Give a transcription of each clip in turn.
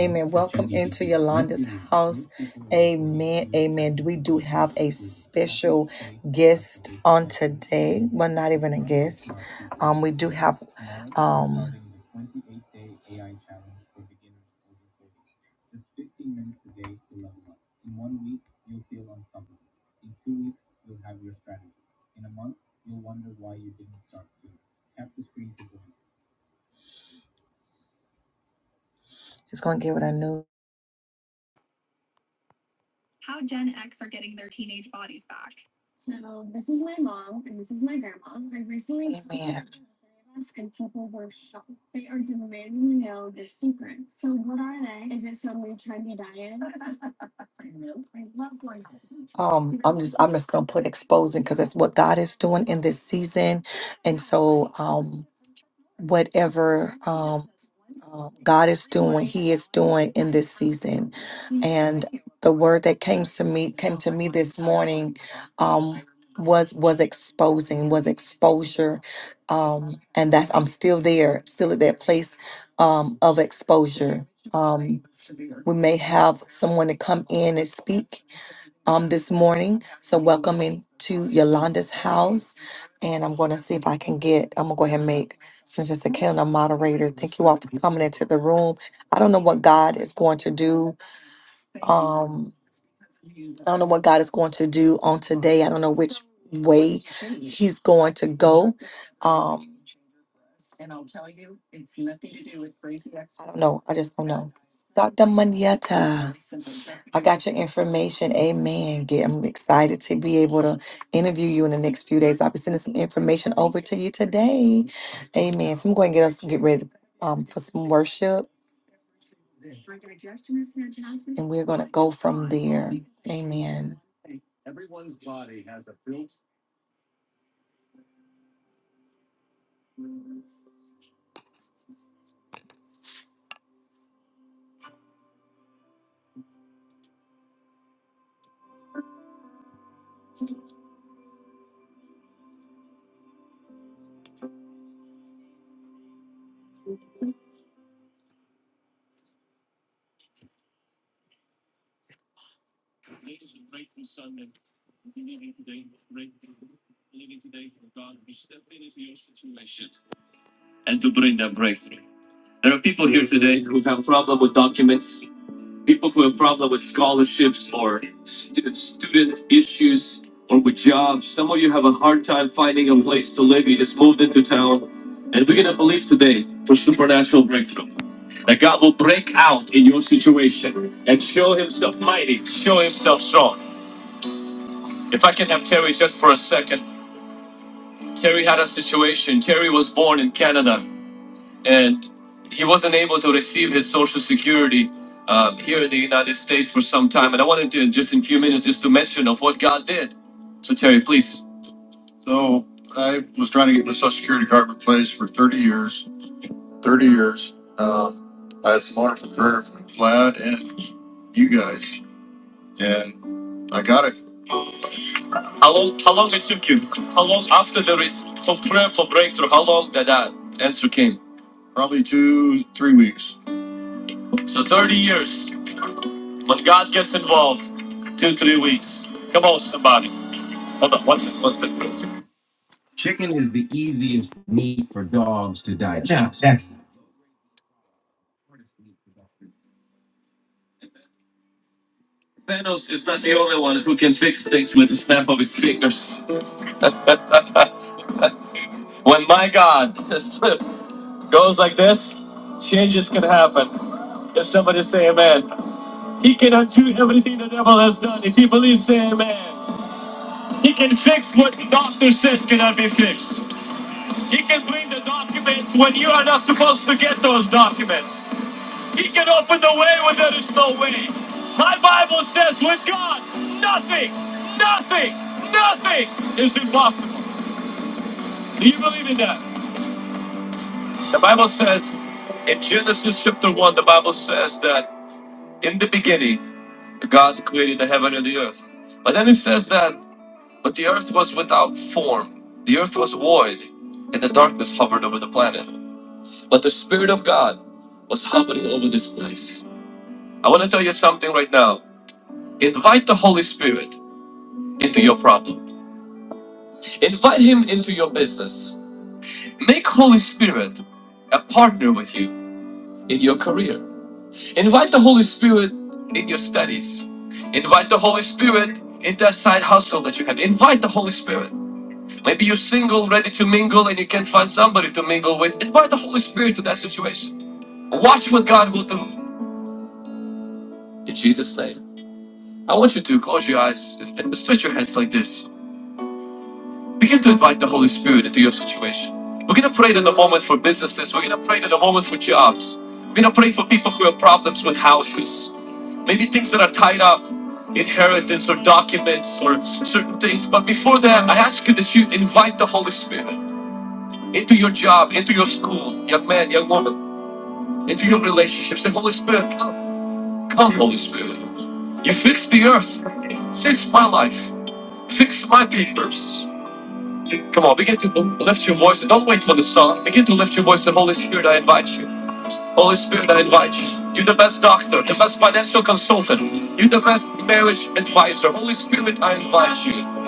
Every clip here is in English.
Amen. Welcome into Yolanda's house. Amen. Amen. We do have a special guest on today. Well, not even a guest. Um, we do have um it's gonna get what I new Amen. Um, I'm just I'm just gonna put exposing because that's what God is doing in this season, and so um, whatever um, uh, God is doing, He is doing in this season. And the word that came to me came to me this morning. um, was was exposing was exposure um and that's i'm still there still at that place um of exposure um we may have someone to come in and speak um this morning so welcome into yolanda's house and i'm going to see if i can get i'm going to go ahead and make princess Akela a moderator thank you all for coming into the room i don't know what god is going to do um, I don't know what God is going to do on today. I don't know which way He's going to go. Um, I don't know. I just don't know. Dr. Manietta, I got your information. Amen. Get, I'm excited to be able to interview you in the next few days. I'll be sending some information over to you today. Amen. So I'm going to get us get ready um, for some worship we're And to bring that breakthrough. There are people here today who have a problem with documents. people who have problem with scholarships or stu- student issues or with jobs. Some of you have a hard time finding a place to live. You just moved into town. And we're going to believe today for supernatural breakthrough. That God will break out in your situation and show himself mighty, show himself strong. If I can have Terry just for a second. Terry had a situation. Terry was born in Canada and he wasn't able to receive his social security um, here in the United States for some time. And I wanted to just in a few minutes just to mention of what God did. So Terry, please. So I was trying to get my social security card replaced for 30 years. 30 years. Um, I had some wonderful prayer from Vlad and you guys, and I got it. How long? How long it took you? How long after there is for prayer for breakthrough? How long that that answer came? Probably two, three weeks. So 30 years. When God gets involved, two, three weeks. Come on, somebody. Hold on. What's this? What's this? Chicken is the easiest meat for dogs to digest. Yeah, yes. Thanos is not the only one who can fix things with the snap of his fingers. when my God goes like this, changes can happen. If somebody say amen, he can undo everything the devil has done. If he believes, say amen. He can fix what the doctor says cannot be fixed. He can bring the documents when you are not supposed to get those documents. He can open the way when there is no way. My Bible says with God, nothing, nothing, nothing is impossible. Do you believe in that? The Bible says in Genesis chapter 1, the Bible says that in the beginning, God created the heaven and the earth. But then it says that, but the earth was without form, the earth was void, and the darkness hovered over the planet. But the Spirit of God was hovering over this place. I want to tell you something right now. Invite the Holy Spirit into your problem. Invite Him into your business. Make Holy Spirit a partner with you in your career. Invite the Holy Spirit in your studies. Invite the Holy Spirit into that side hustle that you have. Invite the Holy Spirit. Maybe you're single, ready to mingle, and you can't find somebody to mingle with. Invite the Holy Spirit to that situation. Watch what God will do. In Jesus' name. I want you to close your eyes and stretch your hands like this. Begin to invite the Holy Spirit into your situation. We're going to pray in the moment for businesses. We're going to pray in the moment for jobs. We're going to pray for people who have problems with houses. Maybe things that are tied up, inheritance or documents or certain things. But before that, I ask you that you invite the Holy Spirit into your job, into your school, young man, young woman, into your relationships. Say, Holy Spirit, come, come, Holy Spirit. You fix the earth, fix my life. Fix my papers. Come on, begin to lift your voice. Don't wait for the song. Begin to lift your voice. And Holy Spirit, I invite you. Holy Spirit, I invite you. You're the best doctor, the best financial consultant. You're the best marriage advisor. Holy Spirit, I invite you.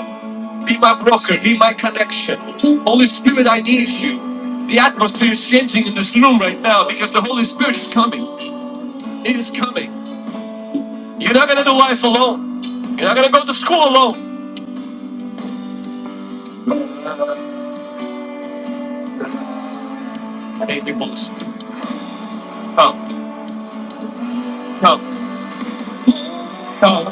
Be my broker. Be my connection. Holy Spirit, I need you. The atmosphere is changing in this room right now because the Holy Spirit is coming. It is coming. You're not gonna do life alone. You're not gonna go to school alone. Thank you, Holy Spirit. Come, come, come.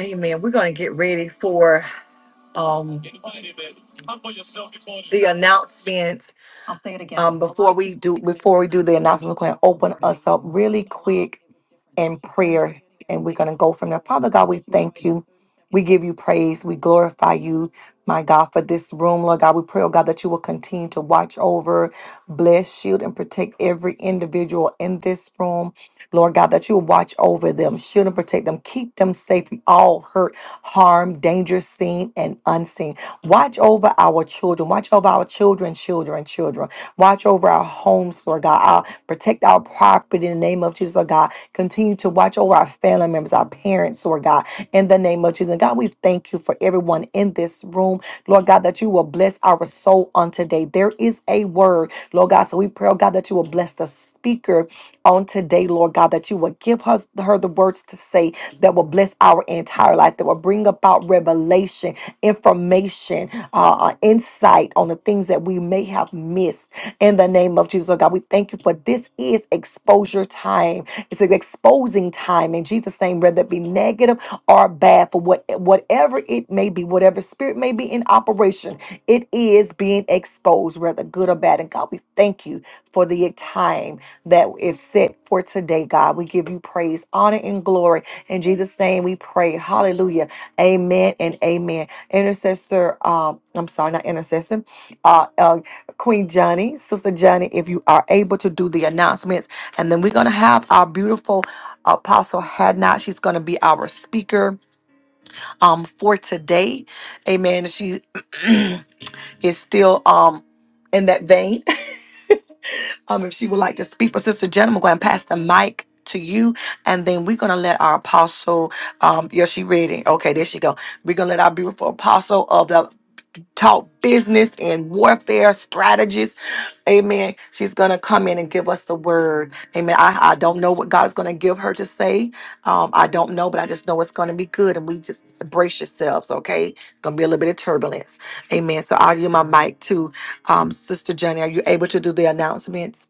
Amen. We're going to get ready for um, the announcements. I'll say it again. Um, before we do, before we do the announcements, we're going to open us up really quick in prayer, and we're going to go from there. Father God, we thank you. We give you praise. We glorify you, my God, for this room, Lord God. We pray, oh God, that you will continue to watch over, bless, shield, and protect every individual in this room, Lord God, that you will watch over them, shield and protect them, keep them safe from all hurt harm, danger seen and unseen. Watch over our children. Watch over our children, children, children. Watch over our homes, Lord God. Our, protect our property in the name of Jesus, Lord God. Continue to watch over our family members, our parents, Lord God, in the name of Jesus. And God, we thank you for everyone in this room, Lord God, that you will bless our soul on today. There is a word, Lord God. So we pray, oh God, that you will bless the speaker on today, Lord God, that you will give us her the words to say that will bless our entire life, that will bring about revelation, information, uh, uh, insight on the things that we may have missed in the name of Jesus. Oh God, we thank you for this is exposure time. It's an exposing time in Jesus' name, whether it be negative or bad for what whatever it may be, whatever spirit may be in operation, it is being exposed, whether good or bad. And God, we thank you for the time that is set for today, God. We give you praise, honor, and glory. In Jesus' name we pray. Hallelujah. Amen and amen. Intercessor, um, I'm sorry, not intercessor. Uh, uh Queen Johnny, Sister Johnny, if you are able to do the announcements. And then we're gonna have our beautiful Apostle Hadnot. She's gonna be our speaker um, for today. Amen. She is still um, in that vein. um, if she would like to speak. But Sister Jenna, I'm going to pass the mic to you, and then we're going to let our apostle. Um, yeah, she ready. Okay, there she go. We're going to let our beautiful apostle of the Talk business and warfare strategies. Amen. She's going to come in and give us the word. Amen. I, I don't know what God's going to give her to say. Um, I don't know, but I just know it's going to be good. And we just brace yourselves, okay? It's going to be a little bit of turbulence. Amen. So I'll give my mic to um, Sister Johnny. Are you able to do the announcements?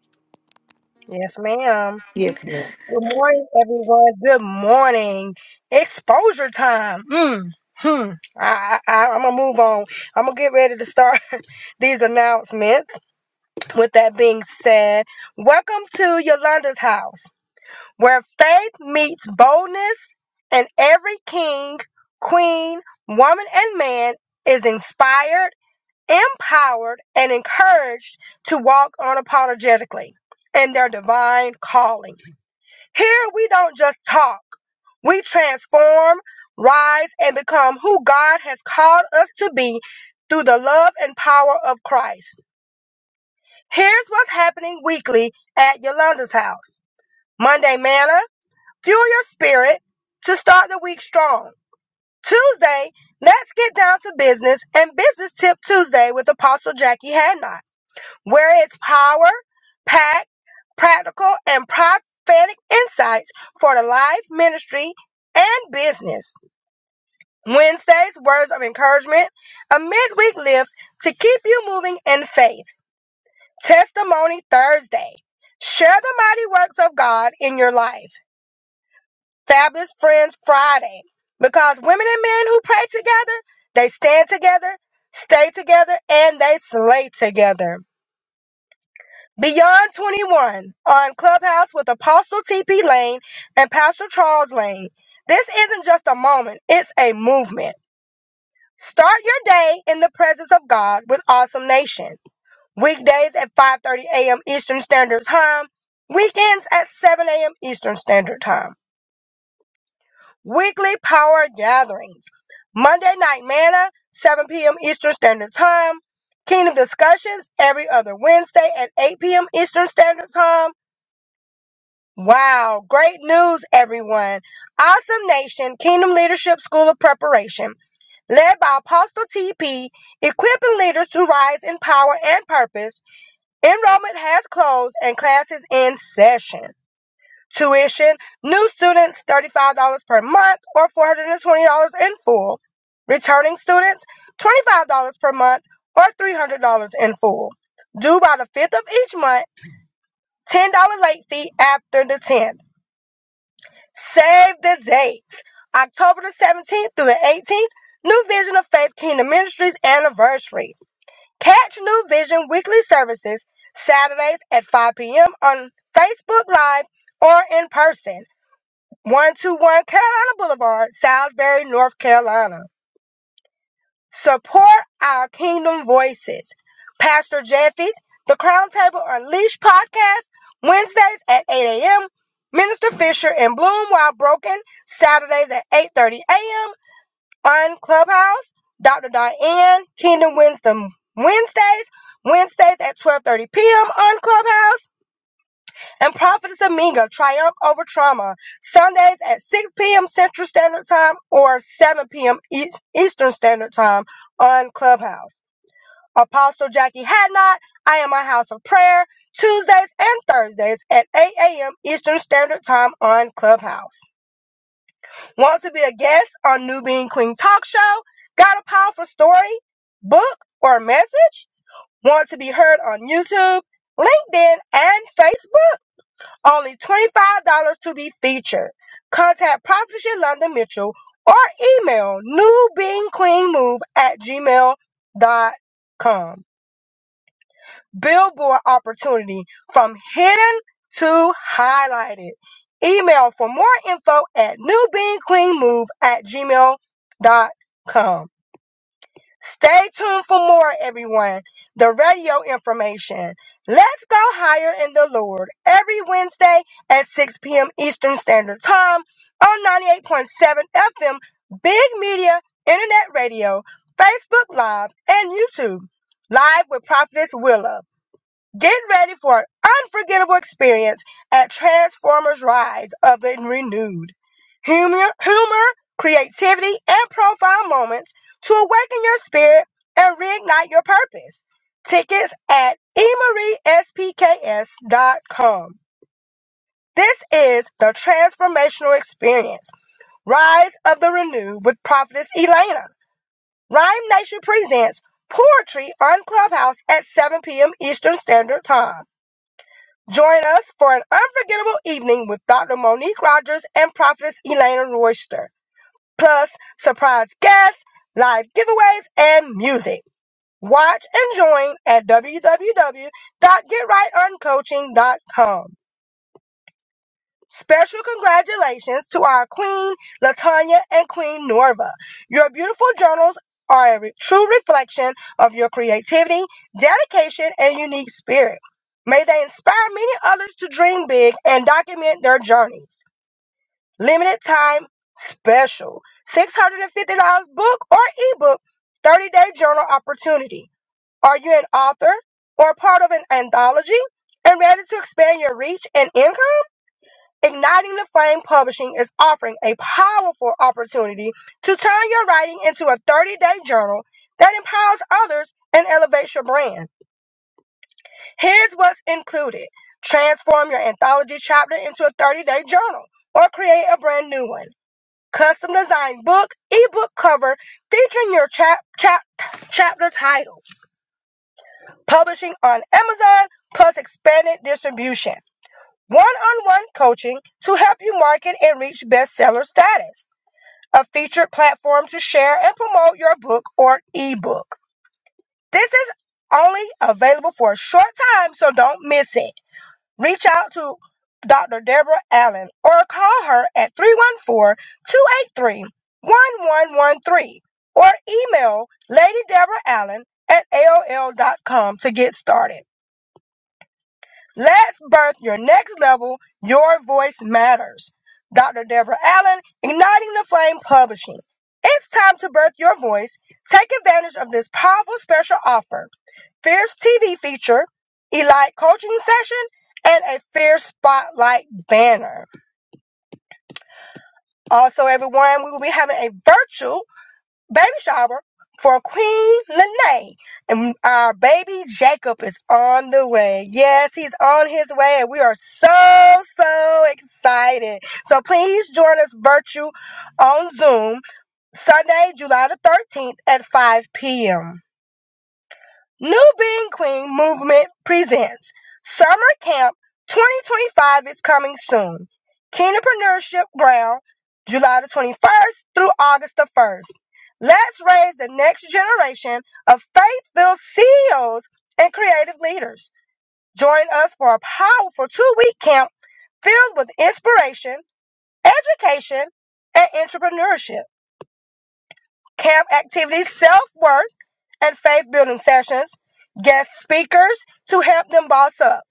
Yes, ma'am. Yes. Good morning, everyone. Good morning. Exposure time. Mm. Hmm. I, I, I'm gonna move on. I'm gonna get ready to start these announcements. With that being said, welcome to Yolanda's house, where faith meets boldness, and every king, queen, woman, and man is inspired, empowered, and encouraged to walk unapologetically in their divine calling. Here we don't just talk, we transform, rise, and become who God has called us to be through the love and power of Christ. Here's what's happening weekly at Yolanda's house Monday, manna, fuel your spirit to start the week strong. Tuesday, let's get down to business and business tip Tuesday with Apostle Jackie Hadnot where its power, packed, practical, and prophetic insights for the life, ministry, and business. Wednesdays, words of encouragement, a midweek lift to keep you moving in faith. Testimony Thursday, share the mighty works of God in your life. Fabulous Friends Friday, because women and men who pray together, they stand together, stay together, and they slay together. Beyond 21 on Clubhouse with Apostle TP Lane and Pastor Charles Lane. This isn't just a moment, it's a movement. Start your day in the presence of God with Awesome Nation. Weekdays at 5:30 a.m. Eastern Standard Time, weekends at 7 a.m. Eastern Standard Time. Weekly power gatherings. Monday night manna, 7 p.m. Eastern Standard Time. Kingdom discussions every other Wednesday at 8 p.m. Eastern Standard Time Wow, great news, everyone. Awesome Nation Kingdom Leadership School of Preparation, led by Apostle TP, equipping leaders to rise in power and purpose. Enrollment has closed and classes in session. Tuition, new students $35 per month or $420 in full. Returning students $25 per month or $300 in full. Due by the 5th of each month, $10 late fee after the 10th. Save the dates. October the 17th through the 18th, New Vision of Faith Kingdom Ministries anniversary. Catch New Vision weekly services Saturdays at 5 p.m. on Facebook Live or in person. 121 Carolina Boulevard, Salisbury, North Carolina. Support our kingdom voices. Pastor Jeffy's The Crown Table Unleashed podcast, Wednesdays at 8 a.m. Minister Fisher and Bloom While Broken, Saturdays at 8.30 a.m. on Clubhouse. Dr. Diane, Kingdom Wisdom Wednesdays, Wednesdays at 12.30 p.m. on Clubhouse and Prophetess Aminga triumph over trauma Sundays at 6 p.m. Central Standard Time or 7 p.m. Eas- Eastern Standard Time on Clubhouse. Apostle Jackie Hadnot, I am a house of prayer Tuesdays and Thursdays at 8 a.m. Eastern Standard Time on Clubhouse. Want to be a guest on New Being Queen Talk Show? Got a powerful story, book, or message? Want to be heard on YouTube, LinkedIn, and Facebook? Only $25 to be featured. Contact Prophetship London Mitchell or email newbeingqueenmove at gmail dot com. Billboard opportunity from hidden to highlighted. Email for more info at newbeingqueenmove at gmail dot com. Stay tuned for more, everyone. The radio information. Let's go higher in the Lord every Wednesday at 6 p.m. Eastern Standard Time on 98.7 FM, Big Media, Internet Radio, Facebook Live, and YouTube. Live with Prophetess Willa. Get ready for an unforgettable experience at Transformers Rise of the Renewed. Humor, humor, creativity, and profound moments to awaken your spirit and reignite your purpose. Tickets at spks dot com. This is the transformational experience. Rise of the Renewed with Prophetess Elena. Rhyme Nation presents Poetry on Clubhouse at 7 p.m. Eastern Standard Time. Join us for an unforgettable evening with Dr. Monique Rogers and Prophetess Elena Royster, plus surprise guests, live giveaways, and music. Watch and join at www.getrightoncoaching.com. Special congratulations to our Queen Latanya and Queen Norva. Your beautiful journals are a true reflection of your creativity, dedication, and unique spirit. May they inspire many others to dream big and document their journeys. Limited time special $650 book or ebook 30 day journal opportunity. Are you an author or part of an anthology and ready to expand your reach and income? Igniting the Flame Publishing is offering a powerful opportunity to turn your writing into a 30 day journal that empowers others and elevates your brand. Here's what's included transform your anthology chapter into a 30 day journal or create a brand new one. Custom designed book, ebook cover featuring your chap, chap, chapter title. Publishing on Amazon plus expanded distribution. One on one coaching to help you market and reach bestseller status a featured platform to share and promote your book or ebook. This is only available for a short time, so don't miss it. Reach out to Dr. Deborah Allen or call her at three one four two eight three one one one three, or email Lady Deborah Allen at aol dot com to get started. Let's birth your next level. Your voice matters. Dr. Deborah Allen, Igniting the Flame Publishing. It's time to birth your voice. Take advantage of this powerful special offer. Fierce TV feature, Elite Coaching Session, and a Fierce Spotlight banner. Also, everyone, we will be having a virtual baby shower for Queen Lene. And our baby Jacob is on the way. Yes, he's on his way, and we are so, so excited. So please join us virtual on Zoom Sunday, July the 13th at 5 p.m. New Being Queen Movement presents Summer Camp 2025 is coming soon. Kingdompreneurship Ground, July the 21st through August the 1st. Let's raise the next generation of faith-filled CEOs and creative leaders. Join us for a powerful two-week camp filled with inspiration, education, and entrepreneurship camp activities, self worth, and faith building sessions, guest speakers to help them boss up,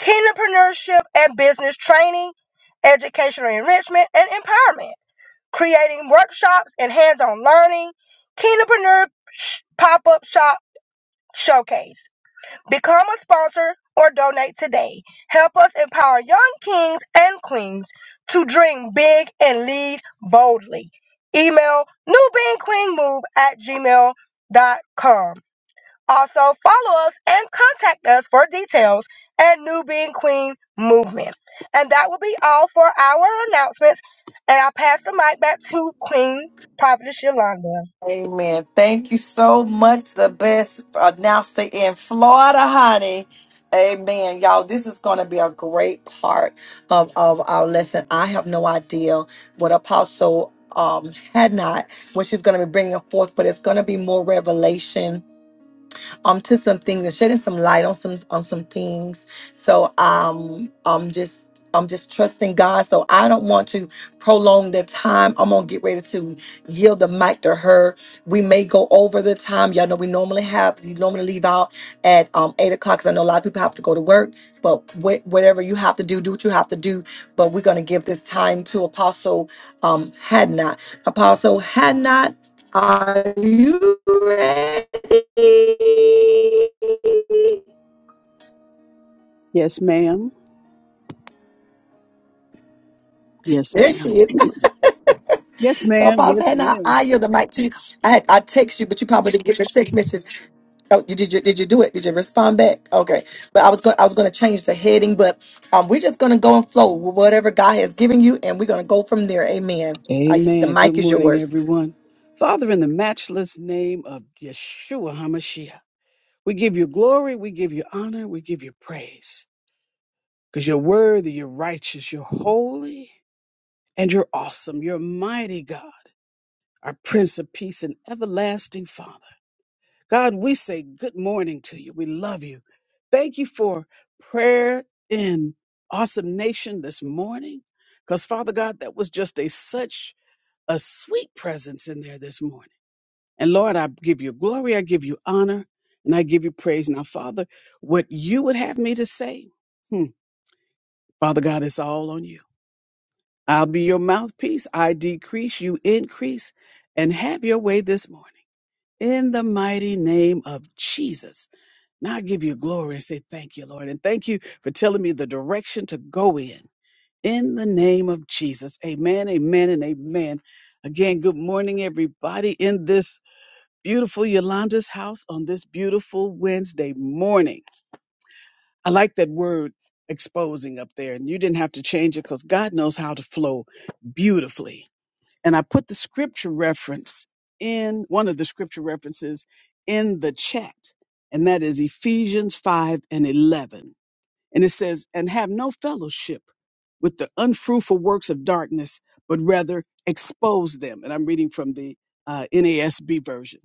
entrepreneurship and business training, educational enrichment and empowerment, creating workshops and hands on learning, entrepreneur pop up shop showcase. Become a sponsor or donate today. Help us empower young kings and queens to dream big and lead boldly. Email newbeanqueenmove at gmail.com. Also, follow us and contact us for details at New Being Queen Movement. And that will be all for our announcements. And I'll pass the mic back to Queen Prophetess Yolanda. Amen. Thank you so much. The best announcer in Florida, honey. Amen. Y'all, this is going to be a great part of, of our lesson. I have no idea what Apostle um, had not, what she's going to be bringing forth, but it's going to be more revelation um to some things and shedding some light on some on some things. So um I'm just I'm just trusting God. So I don't want to prolong the time. I'm gonna get ready to yield the mic to her. We may go over the time. Y'all know we normally have you normally leave out at um eight o'clock because I know a lot of people have to go to work. But wh- whatever you have to do, do what you have to do. But we're gonna give this time to Apostle um Hadnot. Apostle Hadnot. Are you ready? Yes, ma'am. Yes, There she ma'am. is. Yes, So, ma'am. Yes, Apostle Hannah, ma'am. I yield the mic to you. I had, I text you, but you probably didn't get your text message. Oh, you did you did you do it? Did you respond back? Okay, but I was going I was going to change the heading, but um, we're just going to go and flow with whatever God has given you, and we're going to go from there. Amen. I, the Amen. Good mic is morning, yours. everyone. Father, in the matchless name of Yeshua HaMashiach, we give you glory, we give you honor, we give you praise. Because you're worthy, you're righteous, you're holy, and you're awesome. You're mighty God, our Prince of Peace and everlasting Father. God, we say good morning to you. We love you. Thank you for prayer in Awesome Nation this morning. Because, Father God, that was just a such a sweet presence in there this morning. And Lord, I give you glory, I give you honor, and I give you praise. Now, Father, what you would have me to say, hmm, Father God, it's all on you. I'll be your mouthpiece. I decrease, you increase, and have your way this morning. In the mighty name of Jesus. Now I give you glory and say thank you, Lord. And thank you for telling me the direction to go in. In the name of Jesus. Amen, amen, and amen. Again, good morning, everybody, in this beautiful Yolanda's house on this beautiful Wednesday morning. I like that word exposing up there, and you didn't have to change it because God knows how to flow beautifully and I put the scripture reference in one of the scripture references in the chat, and that is Ephesians 5 and 11. And it says, And have no fellowship with the unfruitful works of darkness, but rather expose them. And I'm reading from the uh, NASB version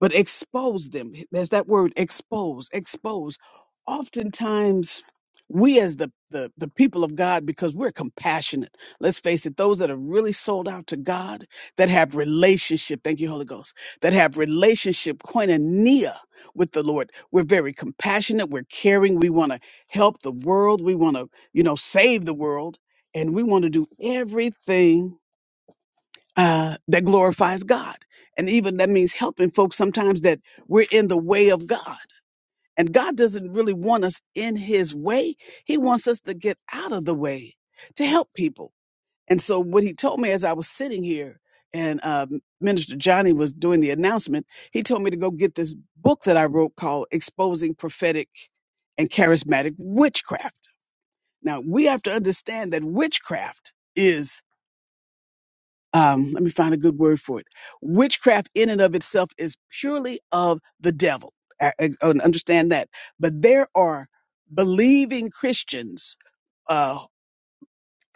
but expose them. There's that word expose, expose. Oftentimes, we as the, the, the people of God, because we're compassionate, let's face it, those that are really sold out to God, that have relationship, thank you, Holy Ghost, that have relationship, koinonia with the Lord, we're very compassionate, we're caring, we want to help the world, we want to, you know, save the world, and we want to do everything uh, that glorifies God. And even that means helping folks sometimes that we're in the way of God. And God doesn't really want us in his way. He wants us to get out of the way to help people. And so what he told me as I was sitting here and uh, Minister Johnny was doing the announcement, he told me to go get this book that I wrote called Exposing Prophetic and Charismatic Witchcraft. Now we have to understand that witchcraft is um, let me find a good word for it. Witchcraft in and of itself is purely of the devil. I, I- I understand that. But there are believing Christians, uh,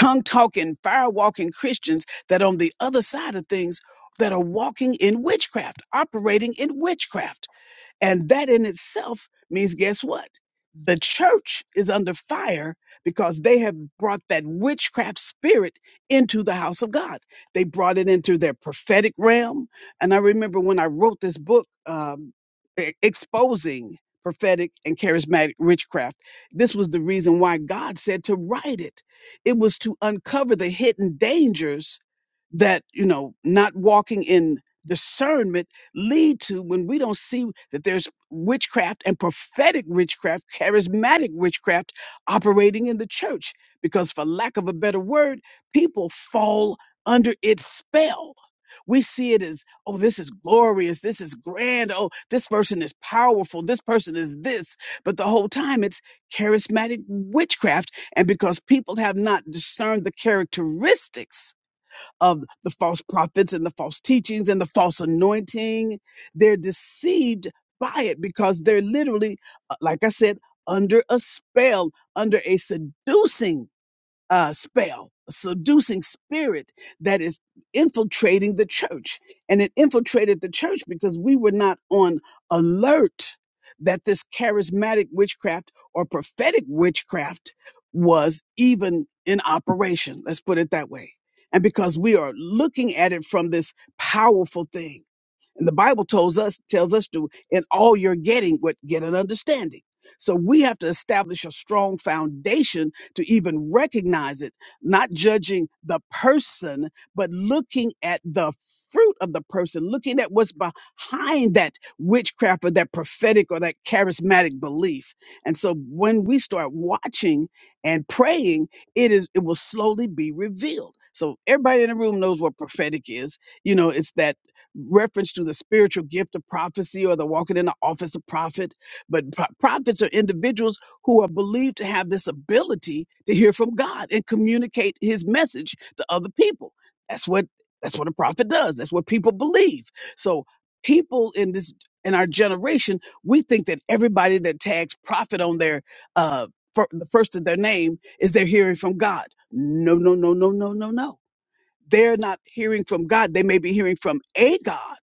tongue talking, fire walking Christians that on the other side of things that are walking in witchcraft, operating in witchcraft. And that in itself means, guess what? The church is under fire because they have brought that witchcraft spirit into the house of God. They brought it into their prophetic realm. And I remember when I wrote this book, um, e- Exposing Prophetic and Charismatic Witchcraft, this was the reason why God said to write it. It was to uncover the hidden dangers that, you know, not walking in discernment lead to when we don't see that there's witchcraft and prophetic witchcraft, charismatic witchcraft operating in the church. Because, for lack of a better word, people fall under its spell. We see it as, oh, this is glorious. This is grand. Oh, this person is powerful. This person is this. But the whole time it's charismatic witchcraft. And because people have not discerned the characteristics of the false prophets and the false teachings and the false anointing. They're deceived by it because they're literally, uh, like I said, under a spell, under a seducing uh, spell, a seducing spirit that is infiltrating the church. And it infiltrated the church because we were not on alert that this charismatic witchcraft or prophetic witchcraft was even in operation. Let's put it that way. And because we are looking at it from this powerful thing and the Bible tells us tells us to in all you're getting what get an understanding. So we have to establish a strong foundation to even recognize it, not judging the person, but looking at the fruit of the person, looking at what's behind that witchcraft or that prophetic or that charismatic belief. And so when we start watching and praying, it is it will slowly be revealed. So everybody in the room knows what prophetic is. You know, it's that reference to the spiritual gift of prophecy or the walking in the office of prophet. But pro- prophets are individuals who are believed to have this ability to hear from God and communicate his message to other people. That's what that's what a prophet does. That's what people believe. So people in this in our generation, we think that everybody that tags prophet on their uh fir- the first of their name is they're hearing from God. No, no, no, no, no, no, no. They're not hearing from God. They may be hearing from a God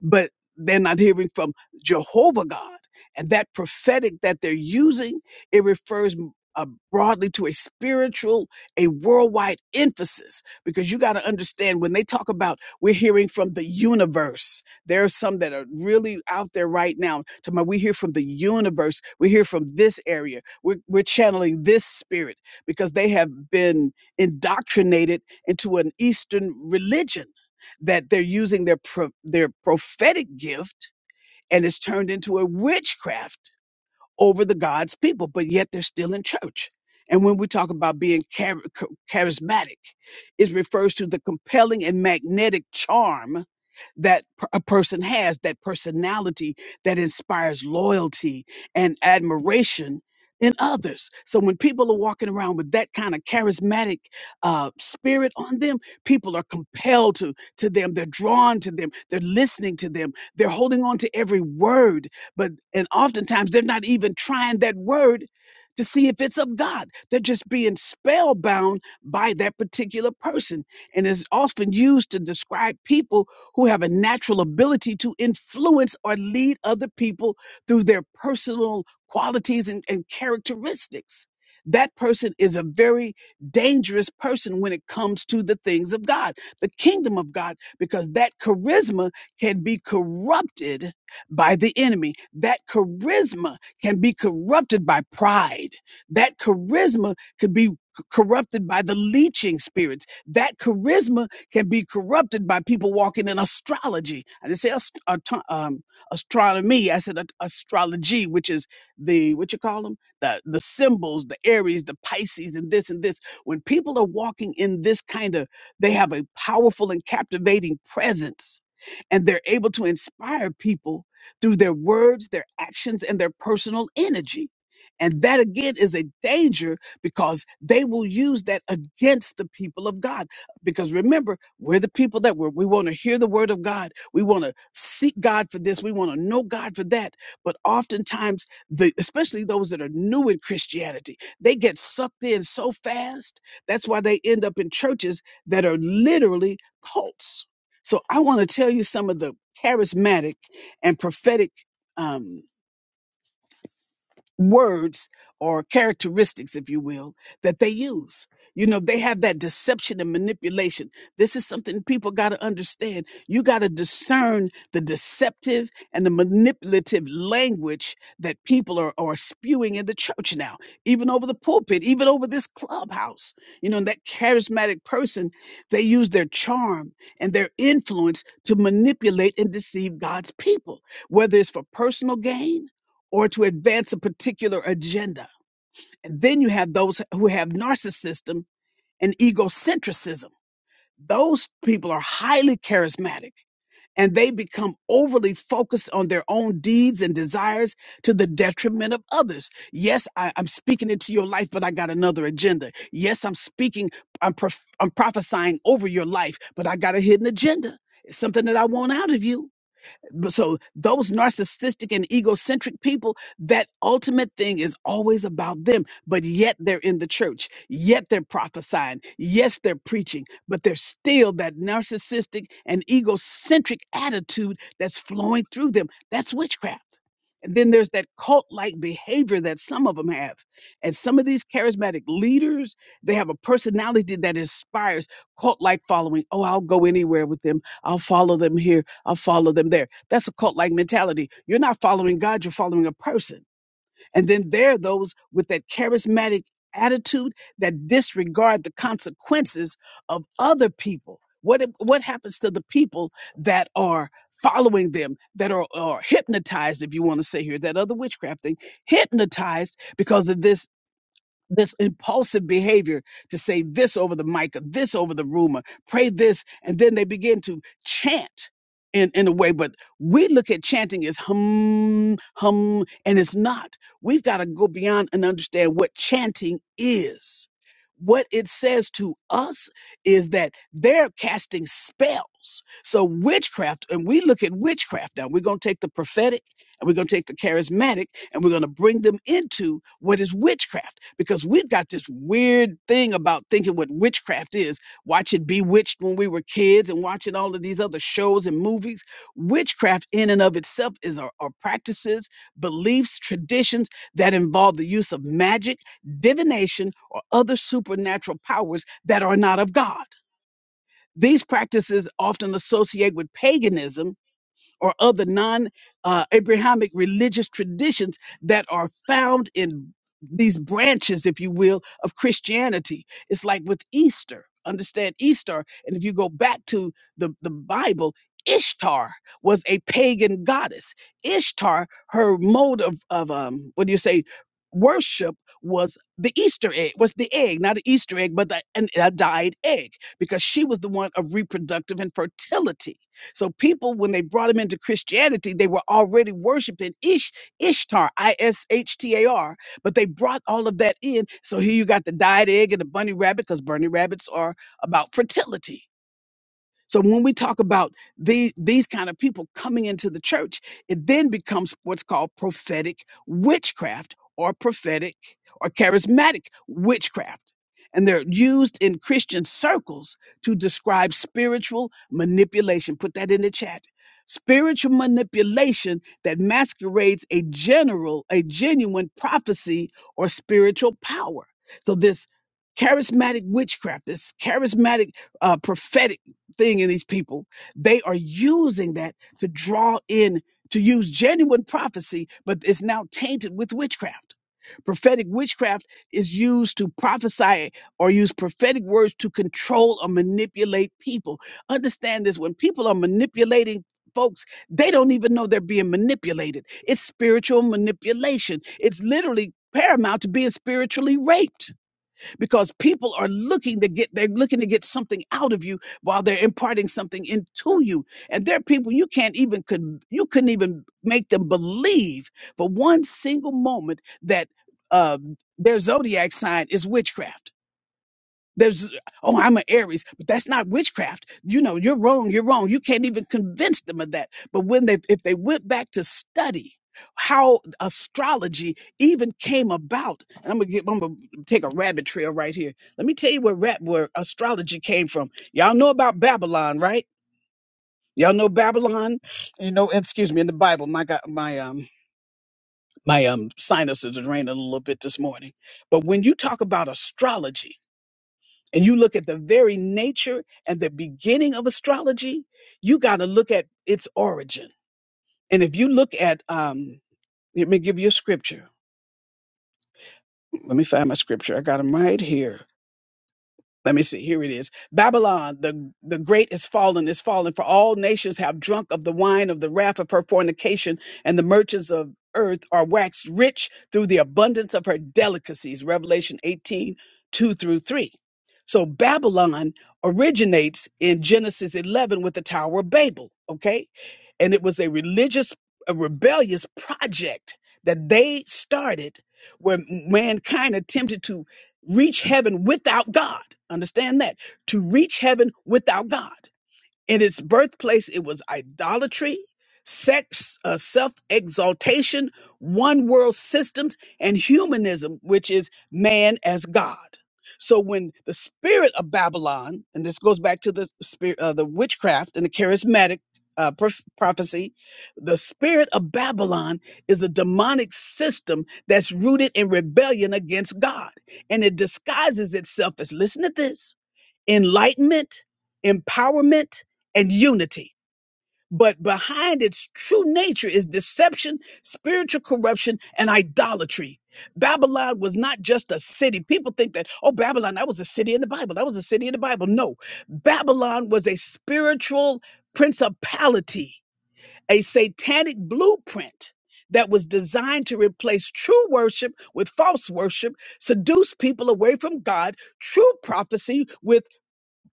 but they're not hearing from Jehovah God. And that prophetic that they're using, it refers uh, broadly to a spiritual, a worldwide emphasis, because you got to understand when they talk about we're hearing from the universe, there are some that are really out there right now. Talking about we hear from the universe, we hear from this area, we're, we're channeling this spirit because they have been indoctrinated into an Eastern religion that they're using their pro- their prophetic gift and it's turned into a witchcraft over the God's people, but yet they're still in church. And when we talk about being char- ch- charismatic, it refers to the compelling and magnetic charm that per- a person has, that personality that inspires loyalty and admiration in others. So when people are walking around with that kind of charismatic uh, spirit on them, people are compelled to to them. They're drawn to them. They're listening to them. They're holding on to every word but and oftentimes they're not even trying that word to see if it's of God. They're just being spellbound by that particular person. And is often used to describe people who have a natural ability to influence or lead other people through their personal qualities and, and characteristics. That person is a very dangerous person when it comes to the things of God, the kingdom of God, because that charisma can be corrupted by the enemy. That charisma can be corrupted by pride. That charisma could be c- corrupted by the leeching spirits. That charisma can be corrupted by people walking in astrology. I didn't say ast- ato- um, astronomy. I said a- astrology, which is the what you call them the the symbols, the Aries, the Pisces, and this and this. When people are walking in this kind of, they have a powerful and captivating presence, and they're able to inspire people through their words, their actions, and their personal energy. And that again is a danger because they will use that against the people of God. Because remember, we're the people that we're, we want to hear the word of God. We want to seek God for this. We want to know God for that. But oftentimes, the, especially those that are new in Christianity, they get sucked in so fast. That's why they end up in churches that are literally cults. So I want to tell you some of the charismatic and prophetic um, words or characteristics, if you will, that they use. You know, they have that deception and manipulation. This is something people got to understand. You got to discern the deceptive and the manipulative language that people are, are spewing in the church now, even over the pulpit, even over this clubhouse. You know, that charismatic person, they use their charm and their influence to manipulate and deceive God's people, whether it's for personal gain or to advance a particular agenda. And then you have those who have narcissism and egocentricism. Those people are highly charismatic and they become overly focused on their own deeds and desires to the detriment of others. Yes, I, am speaking into your life, but I got another agenda. Yes, I'm speaking, I'm, prof- I'm prophesying over your life, but I got a hidden agenda. It's something that I want out of you but So those narcissistic and egocentric people, that ultimate thing is always about them, but yet they're in the church. Yet they're prophesying. Yes, they're preaching, but there's still that narcissistic and egocentric attitude that's flowing through them. That's witchcraft. And then there's that cult like behavior that some of them have. And some of these charismatic leaders, they have a personality that inspires cult like following. Oh, I'll go anywhere with them. I'll follow them here. I'll follow them there. That's a cult like mentality. You're not following God, you're following a person. And then there are those with that charismatic attitude that disregard the consequences of other people. What, if- what happens to the people that are following them, that are, are hypnotized, if you want to say here, that other witchcraft thing, hypnotized because of this this impulsive behavior to say this over the mic or this over the rumor, pray this, and then they begin to chant in, in a way. But we look at chanting as hum, hum, and it's not. We've got to go beyond and understand what chanting is. What it says to us is that they're casting spells. So witchcraft, and we look at witchcraft now. We're going to take the prophetic and we're going to take the charismatic and we're going to bring them into what is witchcraft because we've got this weird thing about thinking what witchcraft is watching bewitched when we were kids and watching all of these other shows and movies witchcraft in and of itself is our, our practices beliefs traditions that involve the use of magic divination or other supernatural powers that are not of god these practices often associate with paganism or other non uh, Abrahamic religious traditions that are found in these branches, if you will, of Christianity. It's like with Easter. Understand Easter. And if you go back to the, the Bible, Ishtar was a pagan goddess. Ishtar, her mode of, of um, what do you say, worship was the Easter egg, was the egg, not an Easter egg, but the, an, a dyed egg, because she was the one of reproductive and fertility. So people, when they brought him into Christianity, they were already worshiping Ish, Ishtar, I-S-H-T-A-R, but they brought all of that in. So here you got the dyed egg and the bunny rabbit, because bunny rabbits are about fertility. So when we talk about these these kind of people coming into the church, it then becomes what's called prophetic witchcraft or prophetic or charismatic witchcraft. And they're used in Christian circles to describe spiritual manipulation. Put that in the chat. Spiritual manipulation that masquerades a general, a genuine prophecy or spiritual power. So this charismatic witchcraft, this charismatic uh, prophetic thing in these people, they are using that to draw in, to use genuine prophecy, but it's now tainted with witchcraft. Prophetic witchcraft is used to prophesy or use prophetic words to control or manipulate people. Understand this when people are manipulating folks, they don't even know they're being manipulated. It's spiritual manipulation, it's literally paramount to being spiritually raped because people are looking to get they're looking to get something out of you while they're imparting something into you and there are people you can't even could you couldn't even make them believe for one single moment that uh, their zodiac sign is witchcraft there's, oh, I'm an Aries, but that's not witchcraft. You know, you're wrong. You're wrong. You can't even convince them of that. But when they, if they went back to study how astrology even came about, and I'm gonna get, I'm gonna take a rabbit trail right here. Let me tell you where rap, where astrology came from. Y'all know about Babylon, right? Y'all know Babylon. You know, excuse me, in the Bible, my God, my um, my um, sinuses are raining a little bit this morning. But when you talk about astrology and you look at the very nature and the beginning of astrology, you got to look at its origin. And if you look at, um, let me give you a scripture. Let me find my scripture. I got them right here. let me see here it is babylon the the great is fallen is fallen for all nations have drunk of the wine of the wrath of her fornication and the merchants of earth are waxed rich through the abundance of her delicacies revelation 18 2 through 3 so babylon originates in genesis 11 with the tower of babel okay and it was a religious a rebellious project that they started where mankind attempted to reach heaven without God. Understand that. To reach heaven without God. In its birthplace, it was idolatry, sex, uh, self exaltation, one world systems, and humanism, which is man as God. So when the spirit of Babylon, and this goes back to the spirit, uh, the witchcraft and the charismatic uh, prof- prophecy, the spirit of Babylon is a demonic system that's rooted in rebellion against God, and it disguises itself as listen to this enlightenment, empowerment, and unity. But behind its true nature is deception, spiritual corruption, and idolatry. Babylon was not just a city. People think that, oh, Babylon, that was a city in the Bible. That was a city in the Bible. No, Babylon was a spiritual principality, a satanic blueprint that was designed to replace true worship with false worship, seduce people away from God, true prophecy with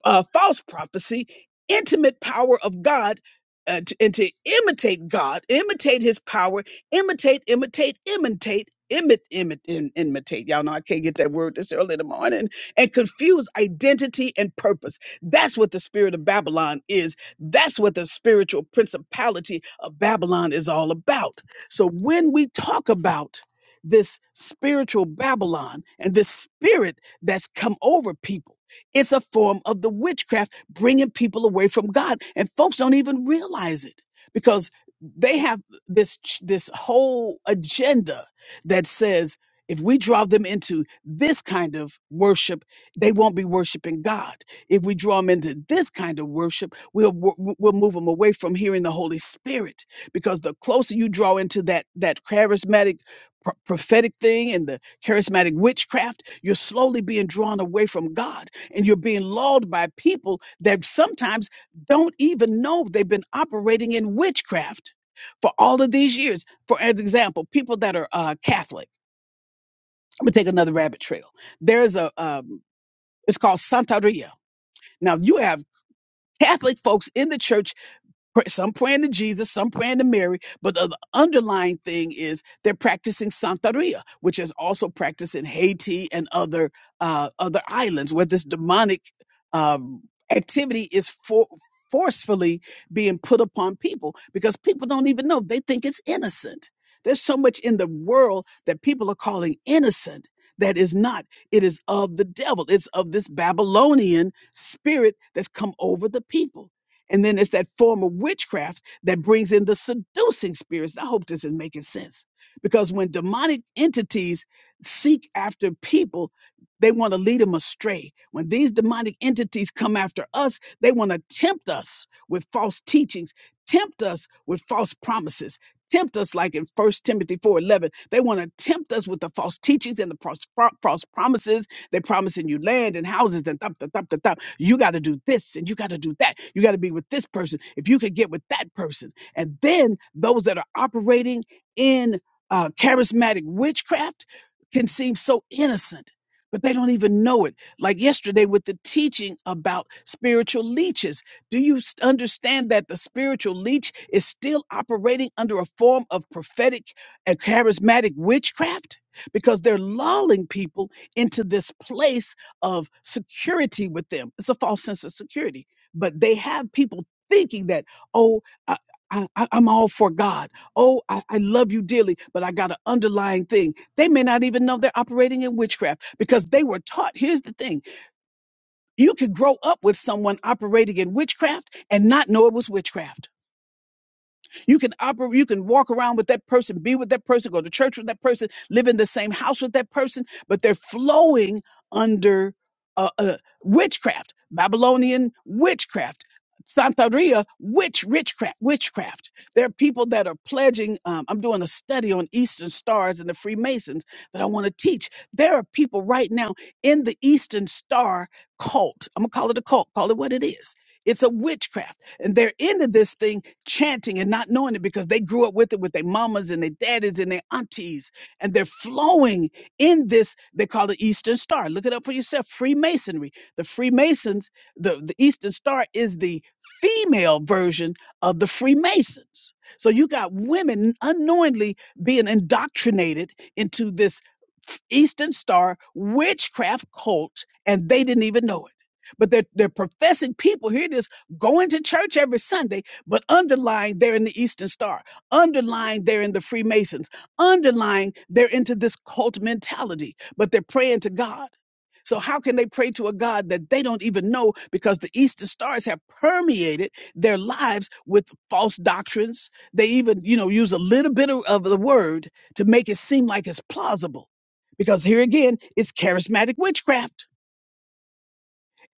uh, false prophecy, intimate power of God, uh, to, and to imitate God, imitate His power, imitate, imitate, imitate, imitate, imitate, imitate. Y'all know I can't get that word this early in the morning. And confuse identity and purpose. That's what the spirit of Babylon is. That's what the spiritual principality of Babylon is all about. So when we talk about this spiritual Babylon and this spirit that's come over people it's a form of the witchcraft bringing people away from God, and folks don't even realize it because they have this ch- this whole agenda that says if we draw them into this kind of worship, they won't be worshiping God. If we draw them into this kind of worship, we'll wo- we'll move them away from hearing the Holy Spirit because the closer you draw into that that charismatic pro- prophetic thing and the charismatic witchcraft, you're slowly being drawn away from God and you're being lulled by people that sometimes don't even know they've been operating in witchcraft for all of these years. For as example, people that are uh, Catholic. I'm gonna take another rabbit trail. There's a um, it's called Santaria. Now you have Catholic folks in the church pr- some praying to Jesus, some praying to Mary, but the underlying thing is they're practicing Santeria, which is also practiced in Haiti and other uh, other islands where this demonic um, activity is for, forcefully being put upon people because people don't even know they think it's innocent. There's so much in the world that people are calling innocent that is not. It is of the devil. It's of this Babylonian spirit that's come over the people. And then it's that form of witchcraft that brings in the seducing spirits. I hope this is making sense. Because when demonic entities seek after people, they want to lead them astray. When these demonic entities come after us, they want to tempt us with false teachings, tempt us with false promises, tempt us like in First Timothy 4:11. They want to tempt us with the false teachings and the false, false promises they're promising you land and houses and thup, thup, thup, thup, thup. You got to do this and you got to do that. You got to be with this person if you could get with that person. And then those that are operating in uh, charismatic witchcraft can seem so innocent. But they don't even know it. Like yesterday with the teaching about spiritual leeches. Do you s- understand that the spiritual leech is still operating under a form of prophetic and charismatic witchcraft? Because they're lulling people into this place of security with them. It's a false sense of security, but they have people thinking that, oh, I, I, I- I'm all for God. Oh, I, I love you dearly, but I got an underlying thing. They may not even know they're operating in witchcraft because they were taught. Here's the thing you could grow up with someone operating in witchcraft and not know it was witchcraft you can operate, you can walk around with that person, be with that person, go to church with that person, live in the same house with that person, but they're flowing under uh, uh, witchcraft, Babylonian witchcraft. Santeria, witch, witchcraft, witchcraft. There are people that are pledging. Um, I'm doing a study on Eastern stars and the Freemasons that I want to teach. There are people right now in the Eastern Star cult. I'm gonna call it a cult. Call it what it is it's a witchcraft. And they're into this thing chanting and not knowing it because they grew up with it with their mamas and their daddies and their aunties. And they're flowing in this, they call it Eastern Star. Look it up for yourself. Freemasonry. The Freemasons, the, the Eastern Star is the female version of the Freemasons. So you got women unknowingly being indoctrinated into this Eastern Star witchcraft cult, and they didn't even know it but they're, they're professing people. Here it is going to church every Sunday, but underlying they're in the Eastern Star, underlying they're in the Freemasons, underlying they're into this cult mentality, but they're praying to God. So, how can they pray to a God that they don't even know because the Eastern stars have permeated their lives with false doctrines? They even, you know, use a little bit of, of the word to make it seem like it's plausible. Because here again, it's charismatic witchcraft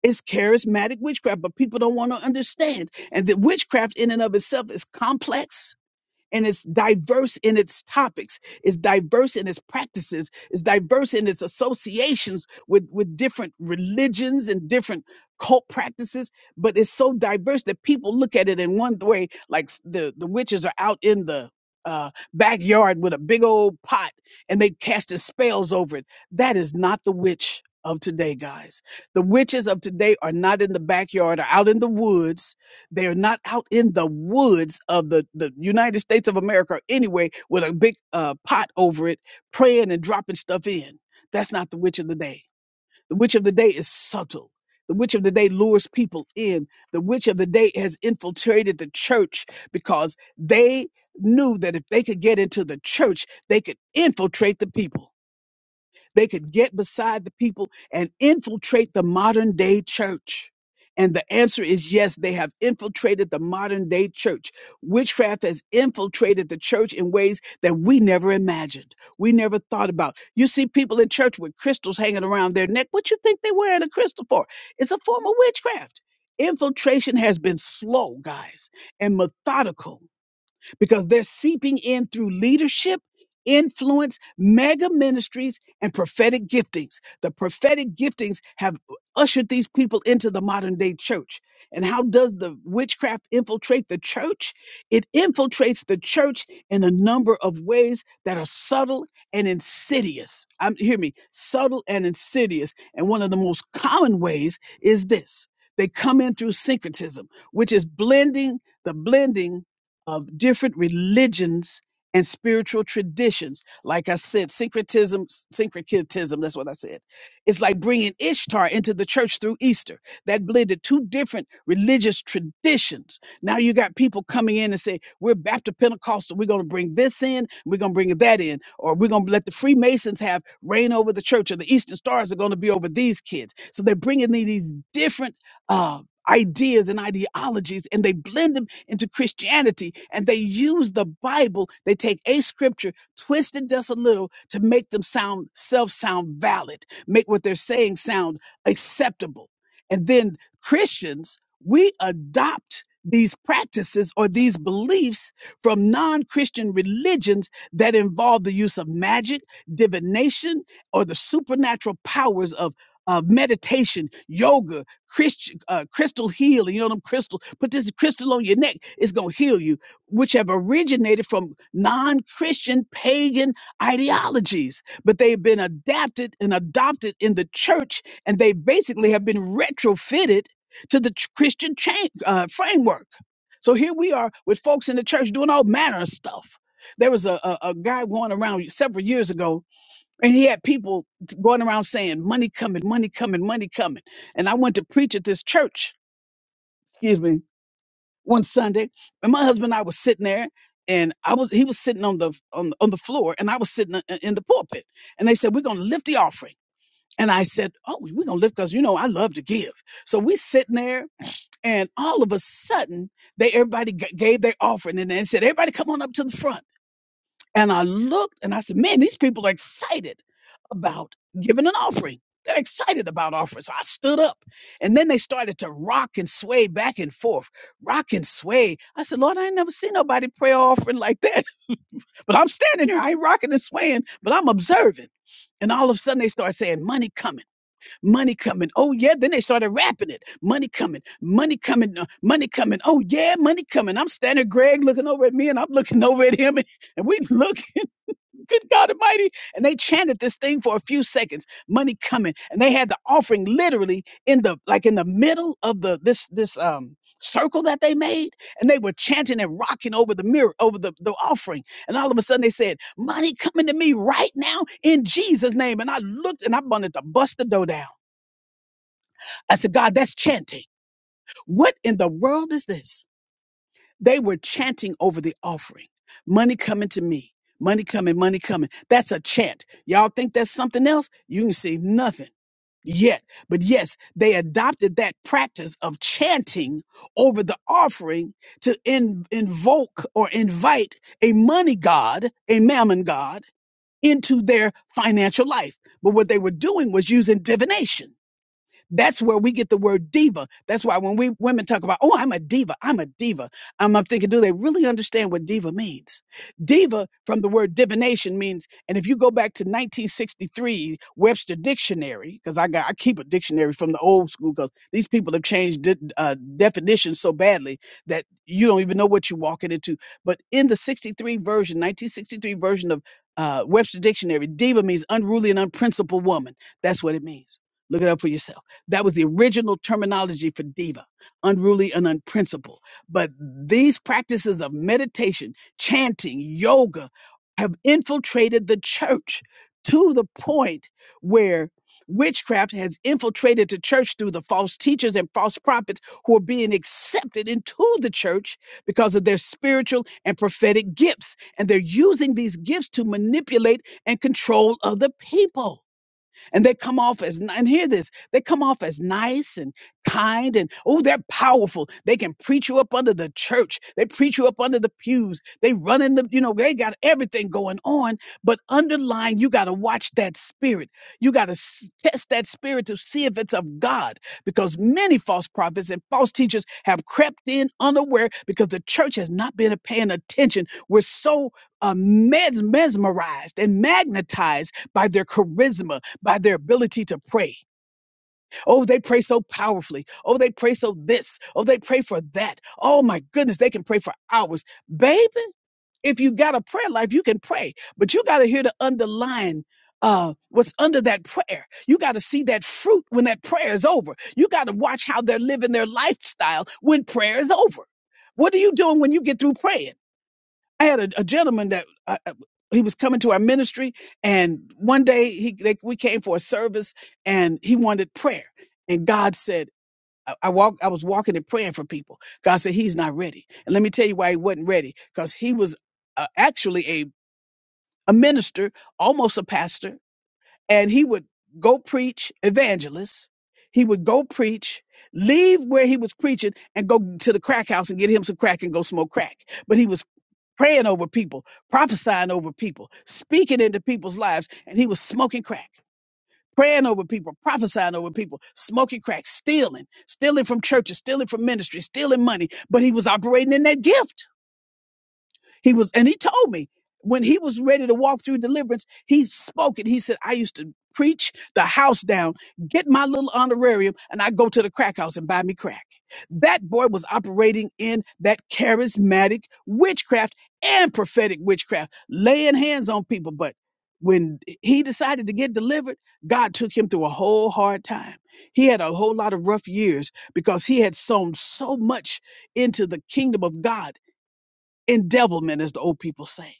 it's charismatic witchcraft, but people don't want to understand. And the witchcraft in and of itself is complex and it's diverse in its topics, it's diverse in its practices, it's diverse in its associations with, with different religions and different cult practices, but it's so diverse that people look at it in one way, like s- the, the witches are out in the uh, backyard with a big old pot and they casting spells over it. That is not the witch of today, guys. The witches of today are not in the backyard or out in the woods they are not out in the woods of the, the United States of America or anyway with a big uh, pot over it, praying and dropping stuff in. That's not the witch of the day. The witch of the day is subtle. The witch of the day lures people in. The witch of the day has infiltrated the church because they knew that if they could get into the church, they could infiltrate the people. They could get beside the people and infiltrate the modern day church. And the answer is yes, they have infiltrated the modern day church. Witchcraft has infiltrated the church in ways that we never imagined. We never thought about. You see people in church with crystals hanging around their neck. What you think they're wearing a crystal for? It's a form of witchcraft. Infiltration has been slow, guys, and methodical because they're seeping in through leadership, influence, mega ministries, and prophetic giftings. The prophetic giftings have ushered these people into the modern day church. And how does the witchcraft infiltrate the church? It infiltrates the church in a number of ways that are subtle and insidious. I'm hear me, subtle and insidious. And one of the most common ways is this. They come in through syncretism, which is blending the blending of different religions and spiritual traditions. Like I said, syncretism, syncretism, that's what I said. It's like bringing Ishtar into the church through Easter. That blended two different religious traditions. Now you got people coming in and say, we're Baptist Pentecostal. We're going to bring this in. We're going to bring that in. Or we're going to let the Freemasons have reign over the church or the Eastern Stars are going to be over these kids. So they're bringing these these different, uh, ideas and ideologies and they blend them into Christianity and they use the Bible. They take a scripture, twist it just a little to make them sound self sound valid, make what they're saying sound acceptable. And then Christians, we adopt these practices or these beliefs from non Christian religions that involve the use of magic, divination, or the supernatural powers of uh, meditation, yoga, Christian uh, crystal healing. You know them crystal. Put this crystal on your neck. It's gonna heal you, which have originated from non-Christian pagan ideologies, but they've been adapted and adopted in the church, and they basically have been retrofitted to the ch- Christian chain, uh, framework. So here we are with folks in the church doing all manner of stuff. There was a, a, a guy going around several years ago and he had people going around saying, money coming, money coming, money coming. And I went to preach at this church, excuse me, one Sunday. And my husband and I was sitting there and I was, he was sitting on the, on, on the floor and I was sitting in in the pulpit. And they said, we're going to lift the offering. And I said, oh, we're going to lift because, you know, I love to give. So we sitting there and all of a sudden they, everybody g- gave their offering and they said, everybody come on up to the front. And I looked and I said, man, these people are excited about giving an offering. They're excited about offering. So I stood up and then they started to rock and sway back and forth, rock and sway. I said, Lord, I ain't never seen nobody pray offering like that. But I'm standing here, I ain't rocking and swaying, but I'm observing. And all of a sudden they start saying, money coming, money coming. Oh yeah. Then they started rapping it. Money coming, money coming, uh, money coming. Oh yeah, money coming. I'm standing, Greg looking over at me and I'm looking over at him and we look. Good God Almighty. And they chanted this thing for a few seconds, money coming. And they had the offering literally in the like in the middle of the this this um circle that they made and they were chanting and rocking over the mirror over the, the offering and all of a sudden they said money coming to me right now in jesus name and i looked and i wanted to bust the dough down i said god that's chanting what in the world is this they were chanting over the offering. Money coming to me. Money coming, money coming. That's a chant. Y'all think that's something else? You can see nothing yet. But yes, they adopted that practice of chanting over the offering to in, invoke or invite a money god, a mammon god, into their financial life. But what they were doing was using divination that's where we get the word diva. That's why when we women talk about, oh, I'm a diva, I'm a diva, I'm, I'm thinking, do they really understand what diva means? Diva from the word divination means, and if you go back to 1963 Webster Dictionary, because I got I keep a dictionary from the old school, because these people have changed di- uh, definitions so badly that you don't even know what you're walking into. But in the 63 version, 1963 version of uh, Webster Dictionary, diva means unruly and unprincipled woman. That's what it means. Look it up for yourself. That was the original terminology for diva, unruly and unprincipled. But these practices of meditation, chanting, yoga have infiltrated the church to the point where witchcraft has infiltrated the church through the false teachers and false prophets who are being accepted into the church because of their spiritual and prophetic gifts. And they're using these gifts to manipulate and control other people and they come off as ni- and hear this they come off as nice and kind and oh they're powerful they can preach you up under the church they preach you up under the pews they run in the you know they got everything going on but underlying you got to watch that spirit you got to test that spirit to see if it's of god because many false prophets and false teachers have crept in unaware because the church has not been paying attention we're so uh, mes- mesmerized and magnetized by their charisma, by their ability to pray. Oh, they pray so powerfully. Oh, they pray so this. Oh, they pray for that. Oh, my goodness, they can pray for hours. Baby, if you got a prayer life, you can pray, but you got to hear the underlying. Uh, what's under that prayer? You got to see that fruit when that prayer is over. You got to watch how they're living their lifestyle when prayer is over. What are you doing when you get through praying? I had a, a gentleman that I, I- he was coming to our ministry, and one day he they, we came for a service, and he wanted prayer, and God said. I I walk. I was walking and praying for people. God said He's not ready, and let me tell you why He wasn't ready. Because He was uh, actually a a minister, almost a pastor, and he would go preach evangelist. He would go preach, leave where he was preaching, and go to the crack house and get him some crack and go smoke crack. But he was praying over people, prophesying over people, speaking into people's lives. And he was smoking crack, praying over people, prophesying over people, smoking crack, stealing, stealing from churches, stealing from ministry, stealing money. But he was operating in that gift. He was, and he told me when he was ready to walk through deliverance, he spoke it. He said, I used to preach the house down, get my little honorarium, and I go to the crack house and buy me crack. That boy was operating in that charismatic witchcraft and prophetic witchcraft, laying hands on people. But when he decided to get delivered, God took him through a whole hard time. He had a whole lot of rough years because he had sown so much into the kingdom of God endevilment, as the old people say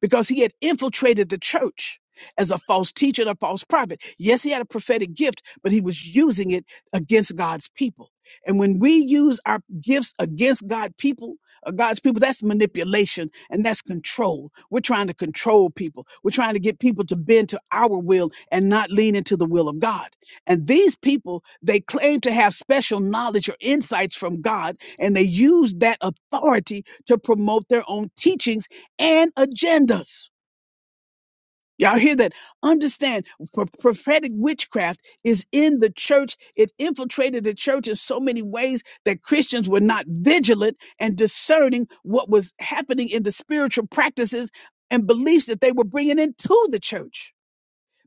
because he had infiltrated the church as a false teacher and a false prophet. Yes, he had a prophetic gift, but he was using it against God's people. And when we use our gifts against God people, uh, God's people, that's manipulation and that's control. We're trying to control people. We're trying to get people to bend to our will and not lean into the will of God. And these people, they claim to have special knowledge or insights from God, and they use that authority to promote their own teachings and agendas. Y'all hear that? Understand, pro- prophetic witchcraft is in the church. It infiltrated the church in so many ways that Christians were not vigilant and discerning what was happening in the spiritual practices and beliefs that they were bringing into the church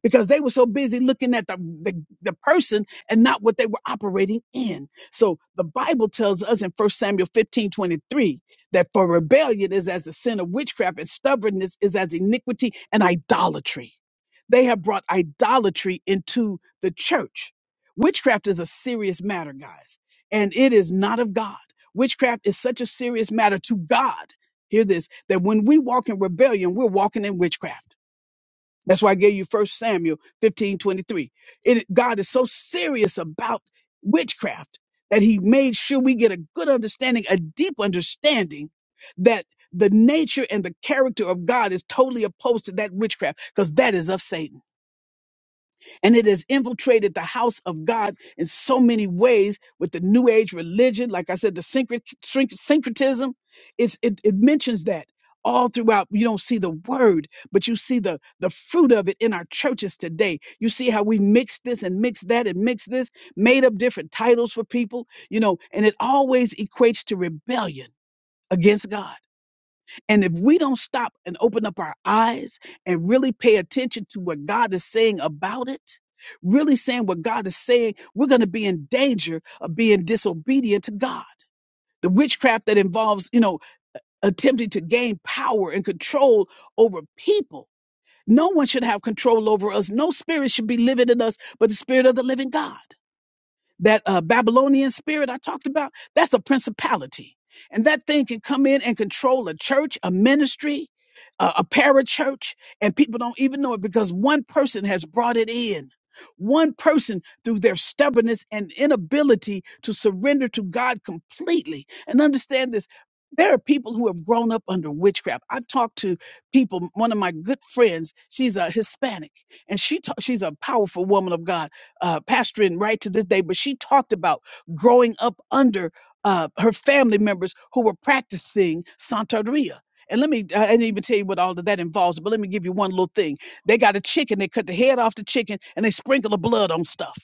because they were so busy looking at the, the, the person and not what they were operating in. So the Bible tells us in First Samuel 15 23 that for rebellion is as the sin of witchcraft, and stubbornness is as iniquity and idolatry. They have brought idolatry into the church. Witchcraft is a serious matter, guys, and it is not of God. Witchcraft is such a serious matter to God. Hear this that when we walk in rebellion, we're walking in witchcraft. That's why I gave you First Samuel 15 23. It, God is so serious about witchcraft that he made sure we get a good understanding, a deep understanding that the nature and the character of God is totally opposed to that witchcraft because that is of Satan and it has infiltrated the house of God in so many ways with the New Age religion. Like I said, the syncret- sync- syncretism, it's, it, it mentions that all throughout. You don't see the word, but you see the, the fruit of it in our churches today. You see how we mix this and mix that and mix this, made up different titles for people, you know, and it always equates to rebellion against God. And if we don't stop and open up our eyes and really pay attention to what God is saying about it, really saying what God is saying, we're going to be in danger of being disobedient to God. The witchcraft that involves, you know, attempting to gain power and control over people. No one should have control over us. No spirit should be living in us but the spirit of the living God that uh, Babylonian spirit I talked about, that's a principality. And that thing can come in and control a church, a ministry, a, a parachurch, and people don't even know it because one person has brought it in. One person through their stubbornness and inability to surrender to God completely. And understand this there are people who have grown up under witchcraft. I've talked to people, one of my good friends, she's a Hispanic, and she ta- she's a powerful woman of God uh, pastoring right to this day, but she talked about growing up under uh, her family members who were practicing Santeria. And let me, I didn't even tell you what all of that involves, but let me give you one little thing. They got a chicken, they cut the head off the chicken, and they sprinkle the blood on stuff.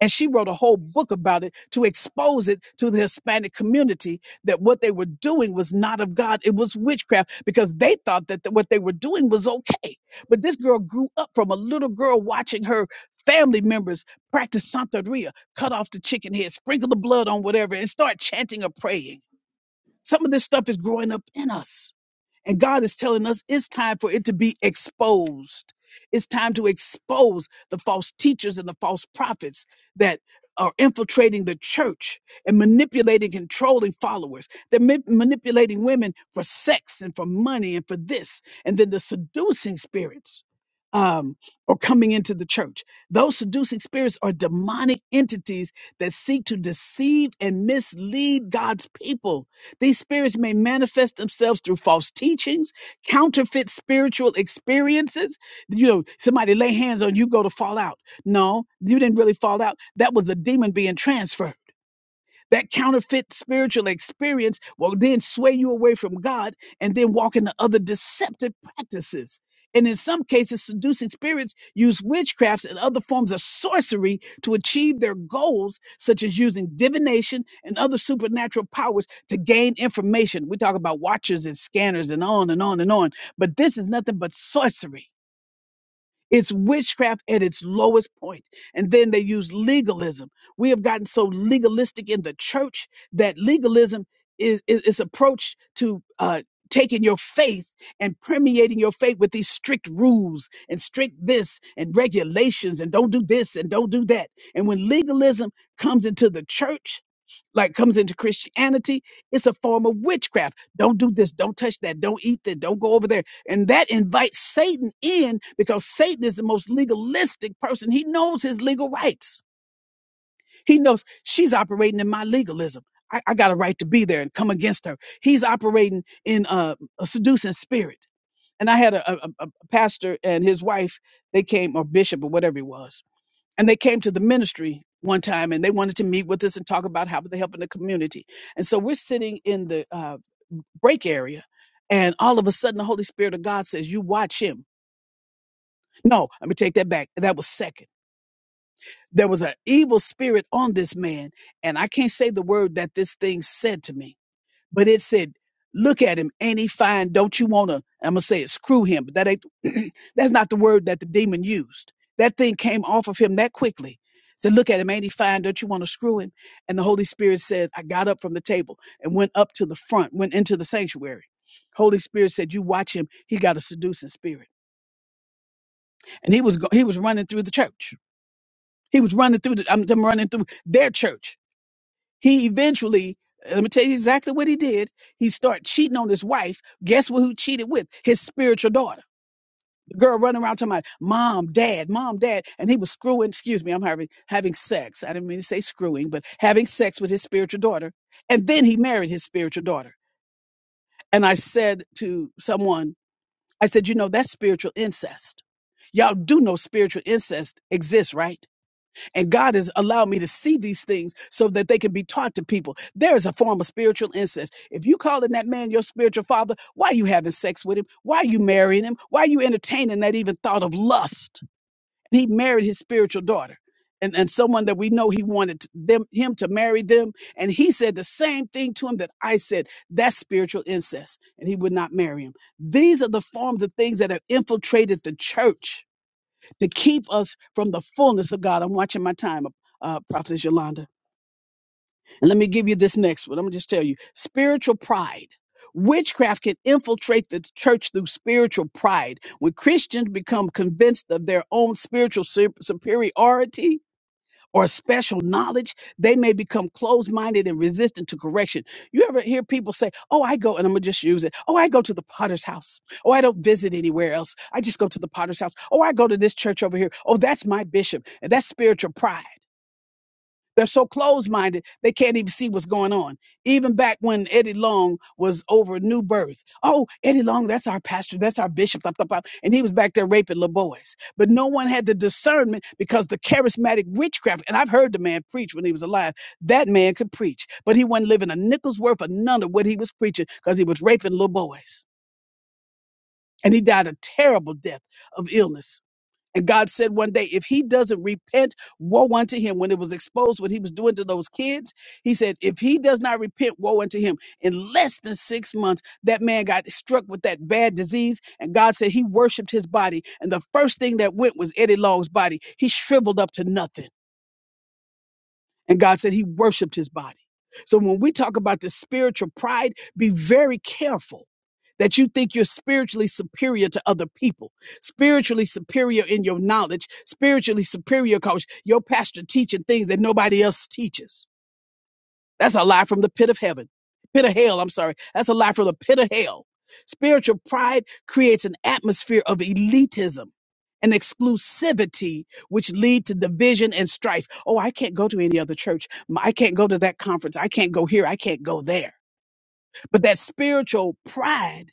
And she wrote a whole book about it to expose it to the Hispanic community that what they were doing was not of God. It was witchcraft because they thought that the- what they were doing was okay. But this girl grew up from a little girl watching her family members practice Santeria, cut off the chicken head, sprinkle the blood on whatever, and start chanting or praying. Some of this stuff is growing up in us. And God is telling us it's time for it to be exposed. It's time to expose the false teachers and the false prophets that are infiltrating the church and manipulating, controlling followers. They're ma- manipulating women for sex and for money and for this. And then the seducing spirits um, are coming into the church. Those seducing spirits are demonic entities that seek to deceive and mislead God's people these spirits may manifest themselves through false teachings, counterfeit spiritual experiences. You know, somebody lay hands on you, go to fall out. No, you didn't really fall out. That was a demon being transferred. That counterfeit spiritual experience will then sway you away from God and then walk into other deceptive practices. And in some cases, seducing spirits use witchcrafts and other forms of sorcery to achieve their goals, such as using divination and other supernatural powers to gain information. We talk about watchers and scanners and on and on and on, but this is nothing but sorcery. It's witchcraft at its lowest point. And then they use legalism. We have gotten so legalistic in the church that legalism is is, is approach to uh, taking your faith and permeating your faith with these strict rules and strict this and regulations and don't do this and don't do that. And when legalism comes into the church, like comes into Christianity. It's a form of witchcraft. Don't do this. Don't touch that. Don't eat that. Don't go over there. And that invites Satan in because Satan is the most legalistic person. He knows his legal rights. He knows she's operating in my legalism. I, I got a right to be there and come against her. He's operating in uh, a seducing spirit. And I had a, a, a a pastor and his wife, they came, or bishop or whatever he was, and they came to the ministry one time and they wanted to meet with us and talk about how they're helping the community. And so we're sitting in the uh, break area. And all of a sudden, the Holy Spirit of God says, You watch him. No, let me take that back. That was second. There was an evil spirit on this man. And I can't say the word that this thing said to me but it said, look at him. Ain't he fine? Don't you want to? I'm going to say it, screw him. But that ain't, that's not the word that the demon used. That thing came off of him that quickly. Said, look at him. Ain't he fine? Don't you want to screw him? And the Holy Spirit says, I got up from the table and went up to the front, went into the sanctuary. Holy Spirit said, you watch him. He got a seducing spirit. And he was, go- he was running through the church. He was running through the, I'm, I'm running through their church he eventually let me tell you exactly what he did he started cheating on his wife guess what who cheated with his spiritual daughter the girl running around talking about mom dad mom dad and he was screwing excuse me i'm having having sex i didn't mean to say screwing but having sex with his spiritual daughter and then he married his spiritual daughter and i said to someone i said you know that's spiritual incest y'all do know spiritual incest exists right and God has allowed me to see these things so that they can be taught to people. There is a form of spiritual incest. If you calling that man your spiritual father, why are you having sex with him? Why are you marrying him? Why are you entertaining that even thought of lust? he married his spiritual daughter. And, and someone that we know he wanted t- them him to marry them. And he said the same thing to him that I said. That's spiritual incest. And he would not marry him. These are the forms of things that have infiltrated the church to keep us from the fullness of God. I'm watching my time, uh, Prophetess Yolanda. And let me give you this next one. I'm going to just tell you spiritual pride. Witchcraft can infiltrate the church through spiritual pride. When Christians become convinced of their own spiritual su- superiority, or special knowledge, they may become closed minded and resistant to correction. You ever hear people say, Oh, I go, and I'm going to just use it. Oh, I go to the potter's house. Oh, I don't visit anywhere else. I just go to the potter's house. Oh, I go to this church over here. Oh, that's my bishop. And that's spiritual pride. They're so closed minded, they can't even see what's going on. Even back when Eddie Long was over New Birth. Oh, Eddie Long, that's our pastor, that's our bishop, blah, blah, blah. and he was back there raping little boys. But no one had the discernment because the charismatic witchcraft, and I've heard the man preach when he was alive, that man could preach, but he wasn't living a nickel's worth of none of what he was preaching because he was raping little boys. And he died a terrible death of illness. And God said one day, if he doesn't repent, woe unto him. When it was exposed what he was doing to those kids, he said, if he does not repent, woe unto him. In less than six months, that man got struck with that bad disease. And God said he worshiped his body. And the first thing that went was Eddie Long's body. He shriveled up to nothing. And God said he worshiped his body. So when we talk about the spiritual pride, be very careful that you think you're spiritually superior to other people, spiritually superior in your knowledge, spiritually superior because your pastor teaching things that nobody else teaches that's a lie from the pit of heaven. Pit of hell, I'm sorry. That's a lie from the pit of hell. Spiritual pride creates an atmosphere of elitism and exclusivity, which lead to division and strife. Oh, I can't go to any other church. I I can't go to that conference. I can't go here. I can't go there. But that spiritual pride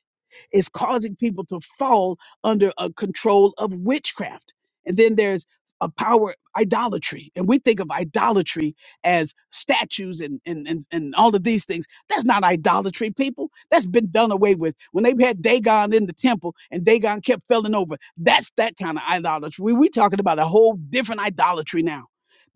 is causing people to fall under a control of witchcraft. And then there's a power idolatry. And we think of idolatry as statues and, and, and, and all of these things. That's not idolatry, people. That's been done away with. When they had Dagon in the temple and Dagon kept falling over, that's that kind of idolatry. We- We're talking about a whole different idolatry now.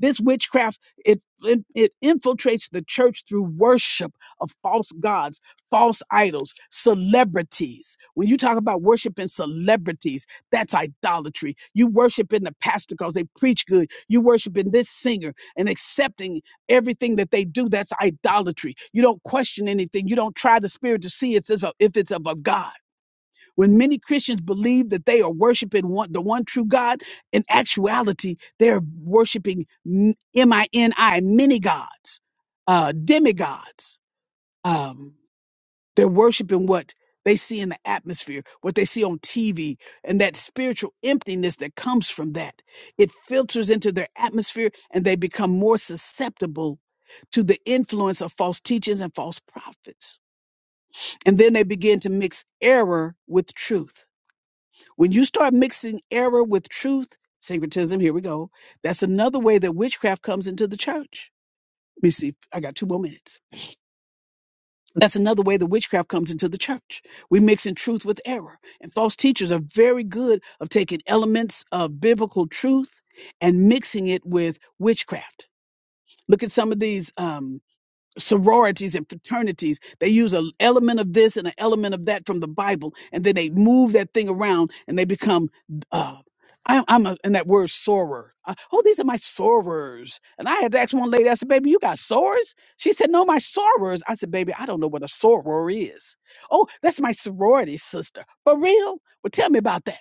This witchcraft, it, it, it infiltrates the church through worship of false gods false idols, celebrities. When you talk about worshiping celebrities, that's idolatry. You worshiping the pastor because they preach good. You worshiping this singer and accepting everything that they do. That's idolatry. You don't question anything. You don't try the spirit to see it's if if it's of a God. When many Christians believe that they are worshiping one, the one true God, in actuality, they're worshiping M M I N I, many gods, uh, demigods. Um, they're worshiping what they see in the atmosphere, what they see on TV, and that spiritual emptiness that comes from that. It filters into their atmosphere and they become more susceptible to the influence of false teachers and false prophets. And then they begin to mix error with truth. When you start mixing error with truth, syncretism, here we go. That's another way that witchcraft comes into the church. Let me see. I got two more minutes. That's another way the witchcraft comes into the church. We mix in truth with error. And false teachers are very good of taking elements of biblical truth and mixing it with witchcraft. Look at some of these. um, sororities and fraternities. They use an element of this and an element of that from the Bible, and then they move that thing around and they become. Uh, I, I'm a, and that word sorer. Uh, oh, these are my sorors, And I had to ask one lady, I said, baby, you got sores? She said, no, my sorors." I said, baby, I don't know what a soror is. Oh, that's my sorority sister. For real? Well, tell me about that.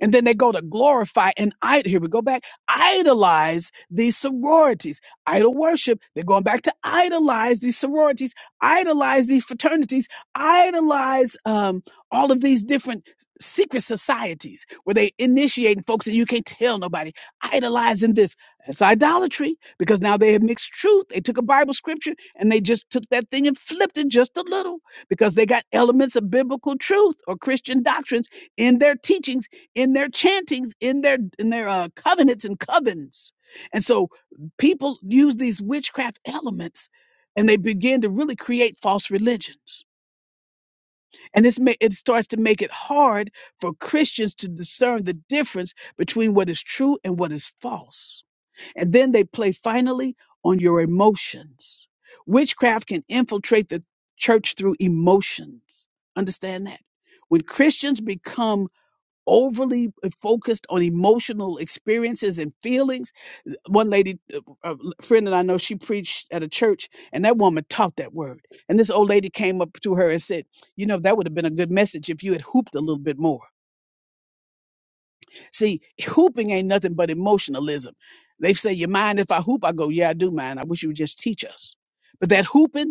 And then they go to glorify and idol. here we go back, idolize these sororities, idol worship. They're going back to idolize these sororities, idolize these fraternities, idolize um, all of these different secret societies where they initiating folks and you can't tell nobody. Idolizing this. It's idolatry because now they have mixed truth. They took a Bible scripture and they just took that thing and flipped it just a little because they got elements of biblical truth or Christian doctrines in their teachings in their chantings, in their in their uh, covenants and covens. And so people use these witchcraft elements and they begin to really create false religions. And this ma- it starts to make it hard for Christians to discern the difference between what is true and what is false. And then they play finally on your emotions. Witchcraft can infiltrate the church through emotions. Understand that? When Christians become overly focused on emotional experiences and feelings. One lady, a friend that I know, she preached at a church, and that woman taught that word. And this old lady came up to her and said, "You know, that would have been a good message if you had hooped a little bit more." See, hooping ain't nothing but emotionalism. They say, "You mind if I hoop?" I go, "Yeah, I do mind. I wish you would just teach us." But that hooping.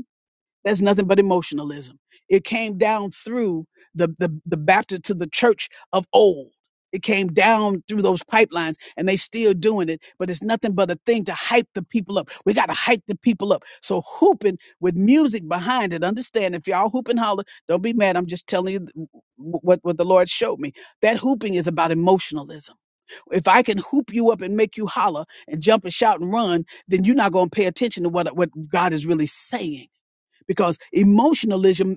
That's nothing but emotionalism. It came down through the the the Baptist to the church of old. It came down through those pipelines, and they still doing it. But it's nothing but a thing to hype the people up. We got to hype the people up. So hooping with music behind it. Understand? If y'all hoop and holler, don't be mad. I'm just telling you th- what what the Lord showed me. That hooping is about emotionalism. If I can hoop you up and make you holler and jump and shout and run, then you're not going to pay attention to what what God is really saying because emotionalism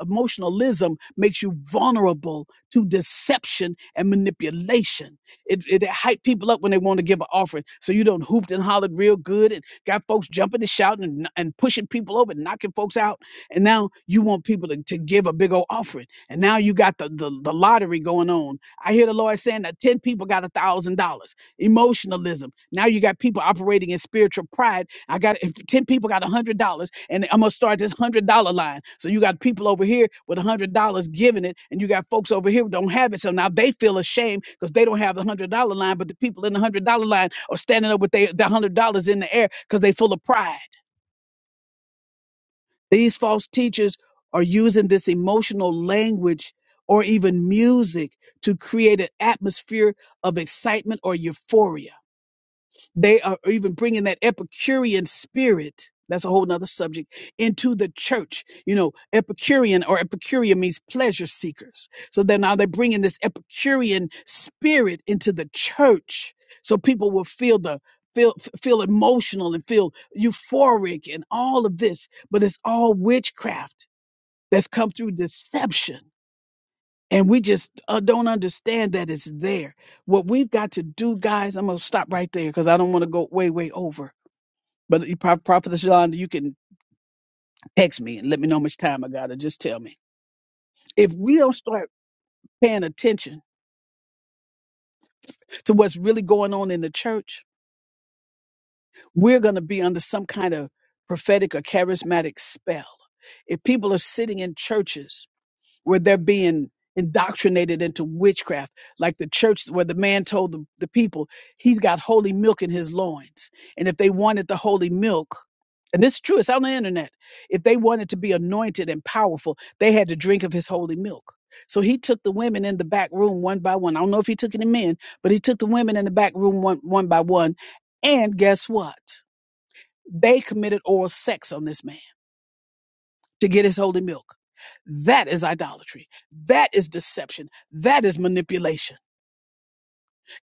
emotionalism makes you vulnerable to deception and manipulation. It, it, it hype people up when they want to give an offering, so you don't hooped and hollered real good and got folks jumping and shouting and, and pushing people over and knocking folks out. And now you want people to, to give a big old offering, and now you got the, the the lottery going on. I hear the Lord saying that ten people got a thousand dollars emotionalism. Now you got people operating in spiritual pride. I got if 10 people got $100 and I'm going to start this $100 line. So you got people over here with $100 giving it and you got folks over here who don't have it. So now they feel ashamed because they don't have the $100 line, but the people in the $100 line are standing up with their the $100 in the air because they full of pride. These false teachers are using this emotional language or even music to create an atmosphere of excitement or euphoria. They are even bringing that Epicurean spirit. That's a whole nother subject into the church. You know, Epicurean or Epicurean means pleasure seekers. So then now they're bringing this Epicurean spirit into the church. So people will feel the, feel, f- feel emotional and feel euphoric and all of this, but it's all witchcraft that's come through deception and we just uh, don't understand that it's there. What we've got to do, guys, I'm gonna stop right there because I don't want to go way, way over. But you, Pro- Prophet Yolanda, you can text me and let me know how much time I got, or just tell me. If we don't start paying attention to what's really going on in the church, we're gonna be under some kind of prophetic or charismatic spell. If people are sitting in churches where they're being indoctrinated into witchcraft, like the church where the man told the, the people he's got holy milk in his loins. And if they wanted the holy milk, and this is true, it's on the internet, if they wanted to be anointed and powerful, they had to drink of his holy milk. So he took the women in the back room one by one. I don't know if he took any men, but he took the women in the back room one, one by one. And guess what? They committed oral sex on this man to get his holy milk. That is idolatry. That is deception. That is manipulation.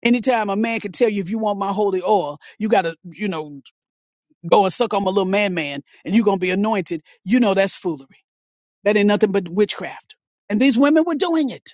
Anytime a man can tell you if you want my holy oil, you gotta, you know, go and suck on my little man man and you're gonna be anointed, you know that's foolery. That ain't nothing but witchcraft. And these women were doing it.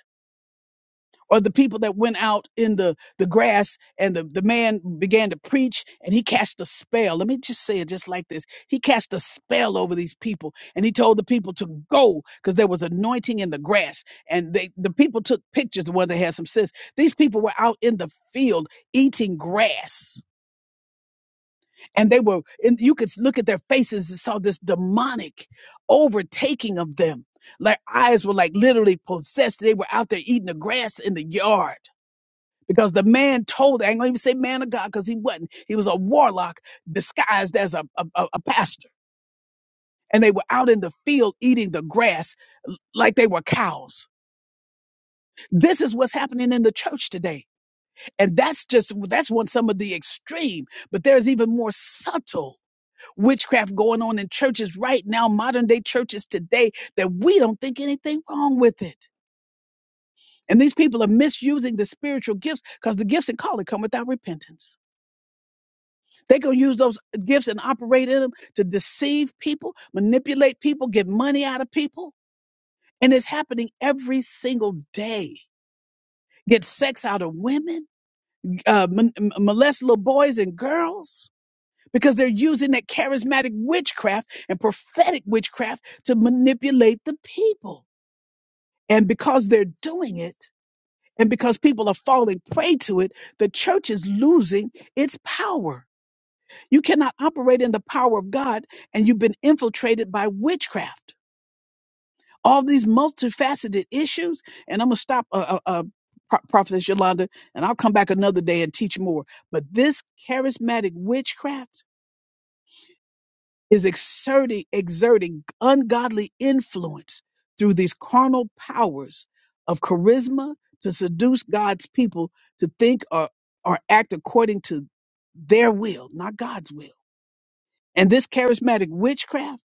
or the people that went out in the, the grass and the, the man began to preach and he cast a spell. Let me just say it just like this. He cast a spell over these people and he told the people to go because there was anointing in the grass. And they, the people took pictures, the ones that had some sense. These people were out in the field eating grass and they were, and you could look at their faces and saw this demonic overtaking of them. Their eyes were like literally possessed. They were out there eating the grass in the yard because the man told, I ain't gonna even say man of God because he wasn't. He was a warlock disguised as a, a, a a pastor. And they were out in the field eating the grass like they were cows. This is what's happening in the church today. And that's just, that's one, some of the extreme, but there's even more subtle witchcraft going on in churches right now, modern day churches today that we don't think anything wrong with it. And these people are misusing the spiritual gifts because the gifts and calling come without repentance. They gonna use those gifts and operate in them to deceive people, manipulate people, get money out of people, and it's happening every single day. Get sex out of women, uh, mon- m- molest little boys and girls because they're using that charismatic witchcraft and prophetic witchcraft to manipulate the people. And because they're doing it, and because people are falling prey to it, the church is losing its power You cannot operate in the power of God and you've been infiltrated by witchcraft. All these multifaceted issues. And I'm going to stop, uh, uh, uh, Pro- Prophetess Yolanda, and I'll come back another day and teach more. But this charismatic witchcraft is exerting, exerting ungodly influence through these carnal powers of charisma to seduce God's people to think or, or act according to their will, not God's will. And this charismatic witchcraft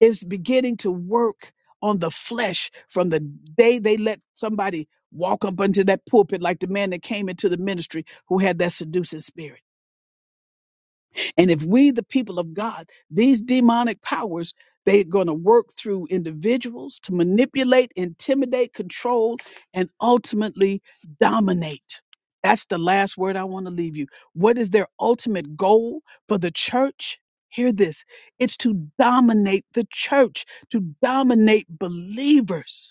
It's beginning to work on the flesh from the day they let somebody walk up into that pulpit, like the man that came into the ministry who had that seducing spirit and if we, the people of God, these demonic powers, they're going to work through individuals to manipulate, intimidate, control, and ultimately dominate. That's the last word I want to leave you. What is their ultimate goal for the church? Hear this it's to dominate the church, to dominate believers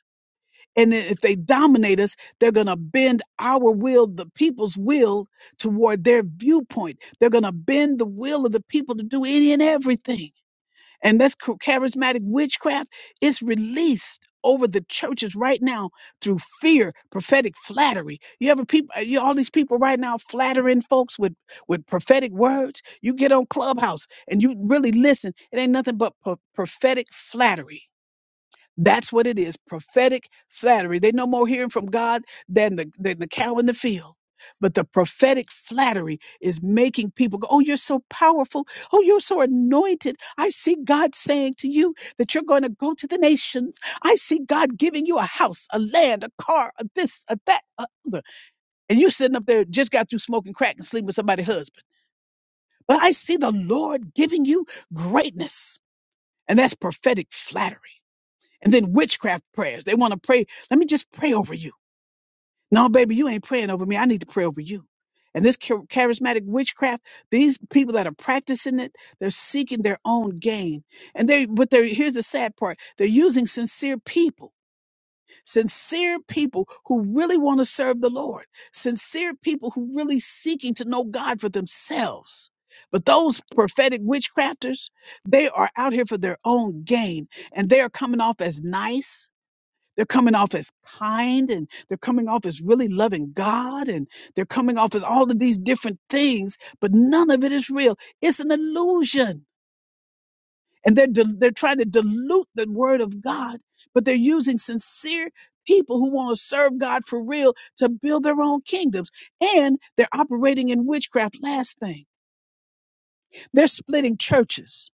and then if they dominate us, they're going to bend our will, the people's will, toward their viewpoint. They're going to bend the will of the people to do any and everything. And that's ch- charismatic witchcraft. It's released over the churches right now through fear, prophetic flattery. You ever people, you all these people right now flattering folks with with prophetic words. You get on Clubhouse and you really listen. It ain't nothing but pro- prophetic flattery that's what it is. Prophetic flattery. They no more hearing from God than the than the cow in the field. But the prophetic flattery is making people go, Oh, you're so powerful. Oh, you're so anointed. I see God saying to you that you're going to go to the nations. I see God giving you a house, a land, a car, a this, a that, a other. And you sitting up there just got through smoking crack and sleeping with somebody's husband. But I see the Lord giving you greatness. And that's prophetic flattery. And then witchcraft prayers. They want to pray. Let me just pray over you. No, baby, you ain't praying over me. I need to pray over you. And this char- charismatic witchcraft, these people that are practicing it, they're seeking their own gain. And they, but they're, here's the sad part. They're using sincere people, sincere people who really want to serve the Lord, sincere people who really seeking to know God for themselves. But those prophetic witchcrafters, they are out here for their own gain and they are coming off as nice they're coming off as kind and they're coming off as really loving God and they're coming off as all of these different things, but none of it is real. It's an illusion. And they're, dil- they're trying to dilute the word of God, but they're using sincere people who want to serve God for real to build their own kingdoms. And they're operating in witchcraft. Last thing, they're splitting churches.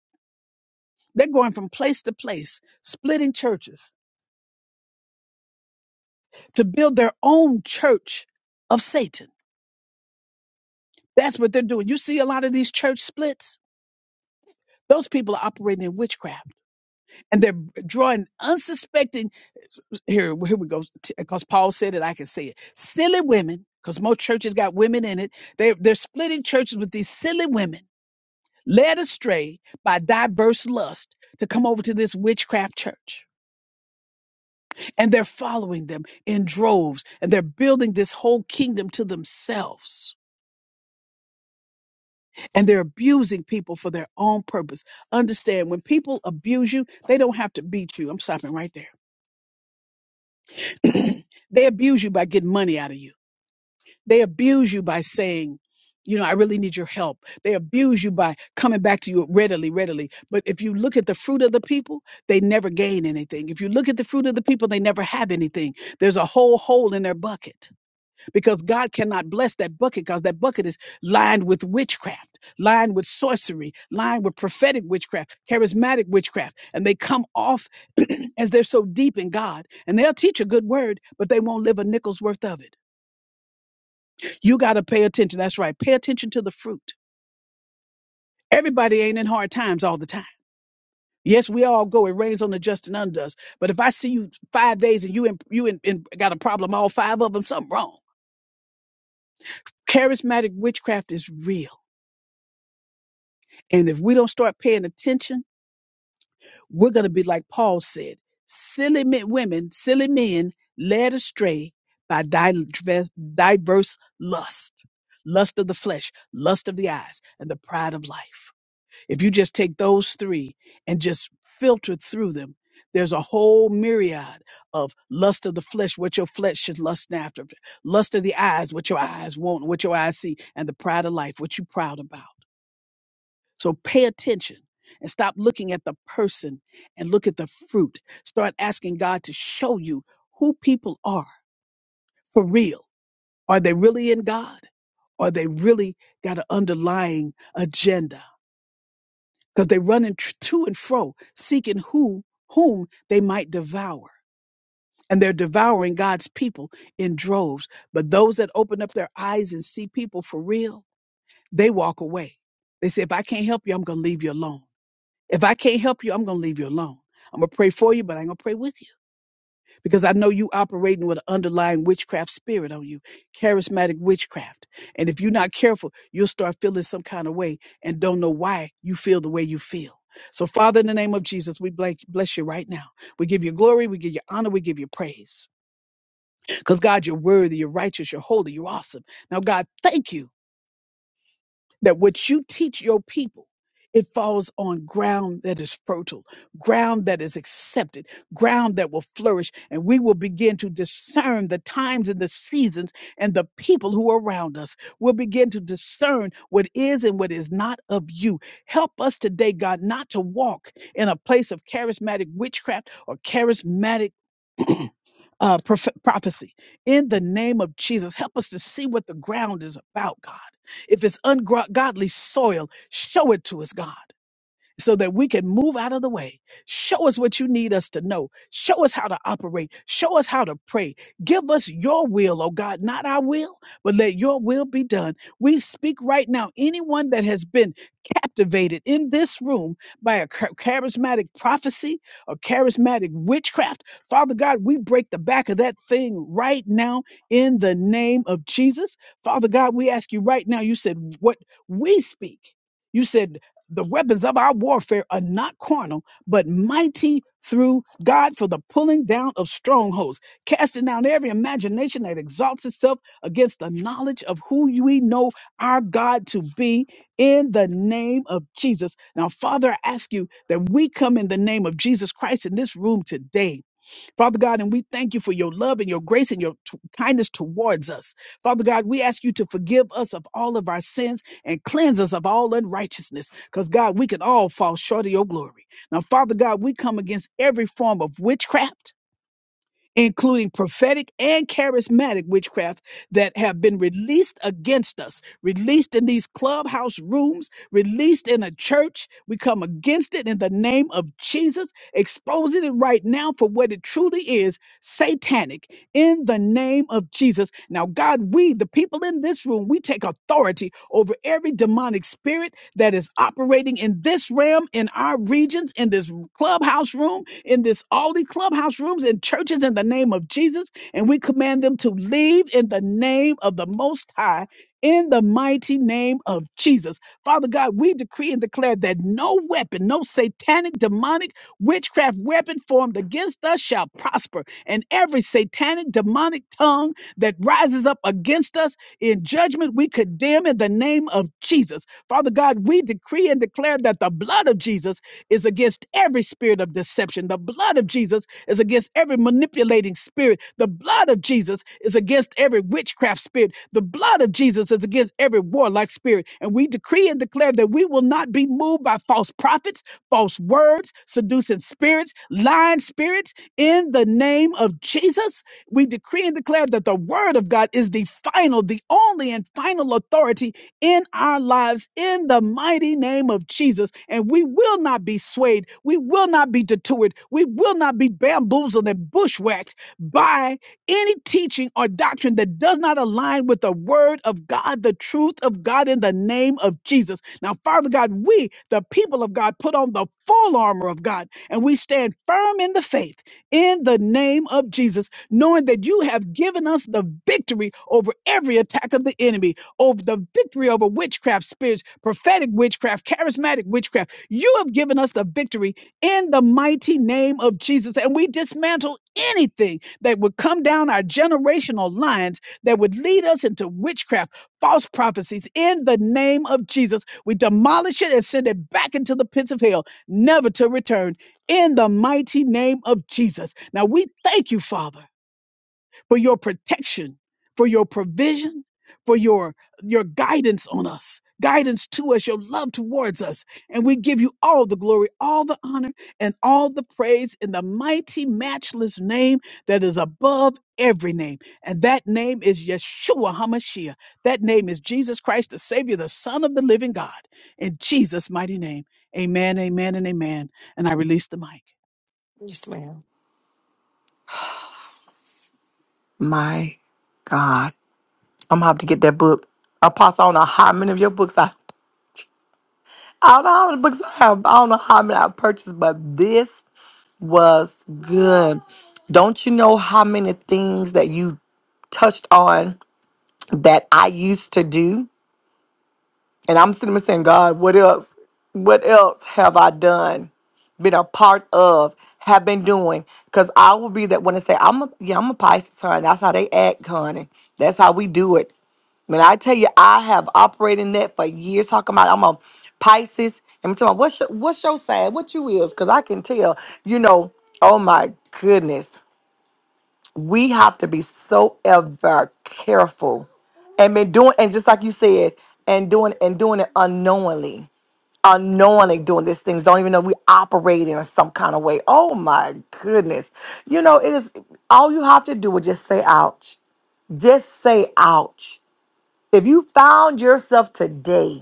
They're going from place to place, splitting churches to build their own church of Satan. That's what they're doing. You see a lot of these church splits. Those people are operating in witchcraft and they're drawing unsuspecting. Here, here we go. Because Paul said it, I can say it. Silly women, because most churches got women in it. They, they're splitting churches with these silly women led astray by diverse lust to come over to this witchcraft church. And they're following them in droves and they're building this whole kingdom to themselves. and they're abusing people for their own purpose. Understand when people abuse you, they don't have to beat you. I'm stopping right there. they abuse you by getting money out of you. They abuse you by saying, you know, I really need your help. They abuse you by coming back to you readily, readily. But if you look at the fruit of the people, they never gain anything. If you look at the fruit of the people, they never have anything. There's a whole hole in their bucket because God cannot bless that bucket because that bucket is lined with witchcraft, lined with sorcery, lined with prophetic witchcraft, charismatic witchcraft. And they come off as they're so deep in God. And they'll teach a good word, but they won't live a nickel's worth of it. You got to pay attention. That's right. Pay attention to the fruit. Everybody ain't in hard times all the time. Yes, we all go. It rains on the just and undoes. But if I see you five days and you in, you in, in, got a problem, all five of them, something wrong. Charismatic witchcraft is real. And if we don't start paying attention, we're going to be like Paul said silly men, women, silly men led astray by diverse, diverse lust, lust of the flesh, lust of the eyes, and the pride of life. If you just take those three and just filter through them, there's a whole myriad of lust of the flesh, what your flesh should lust after, lust of the eyes, what your eyes want, what your eyes see, and the pride of life, what you are proud about. So pay attention and stop looking at the person and look at the fruit. Start asking God to show you who people are for real. Are they really in God? Are they really got an underlying agenda? Because they're running tr- to and fro, seeking who whom they might devour. And they're devouring God's people in droves. But those that open up their eyes and see people for real, they walk away. They say, if I can't help you, I'm going to leave you alone. If I can't help you, I'm going to leave you alone. I'm going to pray for you, but I ain't going to pray with you because I know you operating with an underlying witchcraft spirit on you, charismatic witchcraft. And if you're not careful, you'll start feeling some kind of way and don't know why you feel the way you feel. So, Father, in the name of Jesus, we blank- bless you right now. We give you glory, we give you honor, we give you praise. Because, God, you're worthy, you're righteous, you're holy, you're awesome. Now, God, thank you that what you teach your people, it falls on ground that is fertile, ground that is accepted, ground that will flourish, and we will begin to discern the times and the seasons and the people who are around us. We'll begin to discern what is and what is not of you. Help us today, God, not to walk in a place of charismatic witchcraft or charismatic uh, prof- prophecy. In the name of Jesus, help us to see what the ground is about, God. If it's ungodly soil, show it to us, God so that we can move out of the way. Show us what you need us to know. Show us how to operate. Show us how to pray. Give us your will, oh God, not our will, but let your will be done. We speak right now. Anyone that has been captivated in this room by a char- charismatic prophecy or charismatic witchcraft, Father God, we break the back of that thing right now in the name of Jesus. Father God, we ask you right now, you said what we speak. You said the weapons of our warfare are not carnal, but mighty through God for the pulling down of strongholds, casting down every imagination that exalts itself against the knowledge of who we know our God to be in the name of Jesus. Now, Father, I ask you that we come in the name of Jesus Christ in this room today Father God, and we thank you for your love and your grace and your t- kindness towards us. Father God, we ask you to forgive us of all of our sins and cleanse us of all unrighteousness, because God, we can all fall short of your glory. Now, Father God, we come against every form of witchcraft including prophetic and charismatic witchcraft that have been released against us, released in these clubhouse rooms, released in a church. We come against it in the name of Jesus, exposing it right now for what it truly is satanic in the name of Jesus. Now, God, we, the people in this room, we take authority over every demonic spirit that is operating in this realm, in our regions, in this clubhouse room in this all these clubhouse rooms and churches in the name of Jesus. And we command them to leave in the name of the Most High, in the mighty name of Jesus. Father God, we decree and declare that no weapon, no satanic, demonic, witchcraft weapon formed against us shall prosper. And every satanic, demonic tongue that rises up against us in judgment, we condemn in the name of Jesus. Father God, we decree and declare that the blood of Jesus is against every spirit of deception. The blood of Jesus is against every manipulating spirit. The blood of Jesus is against every witchcraft spirit. The blood of Jesus is against every warlike spirit. And we decree and declare that we will not be moved by false prophets, false words, seducing spirits, lying spirits. In the name of Jesus, we decree and declare that the word of God is the final, the only and final authority in our lives in the mighty name of Jesus. And we will not be swayed. We will not be detoured. We will not be bamboozled and bushwhacked by any teaching or doctrine that does not align with the word of God, the truth of God in the name of Jesus. Now, Father God, we, the people of God, put on the full armor of God and we stand firm in the faith in the name of Jesus, knowing that you have given us the victory over every attack of the enemy over the victory over witchcraft spirits, prophetic witchcraft, charismatic witchcraft. You have given us the victory in the mighty name of Jesus. And we dismantle anything that would come down our generational lines that would lead us into witchcraft, false prophecies in the name of Jesus. We demolish it and send it back into the pits of hell, never to return in the mighty name of Jesus. Now we thank you, Father for your protection, for your provision, for your your guidance on us, guidance to us, your love towards us. And we give you all the glory, all the honor, and all the praise in the mighty matchless name that is above every name. And that name is Yeshua HaMashiach. That name is Jesus Christ, the Savior, the Son of the living God. In Jesus' mighty name. Amen, amen, and amen. And I release the mic. My God. I'm gonna have to get that book. Apostle, I don't know how many of your books I I don't know how many books I have. I don't know how many I purchased, but this was good. Don't you know how many things that you touched on that I used to do? And I'm sitting there saying, God, what else? What else have I done? Been a part of, have been doing. Cause I will be that one to say, I'm a yeah, I'm a Pisces, honey. That's how they act, honey. That's how we do it. When I tell you, I have operated in that for years. Talking about I'm a Pisces. And I'm talking about what's your, what's your side? What you is? Because I can tell. You know. Oh my goodness. We have to be so ever careful, and been doing and just like you said, and doing and doing it unknowingly, unknowingly doing these things. Don't even know we operating in some kind of way. Oh my goodness. You know it is. All you have to do is just say ouch. Just say ouch if you found yourself today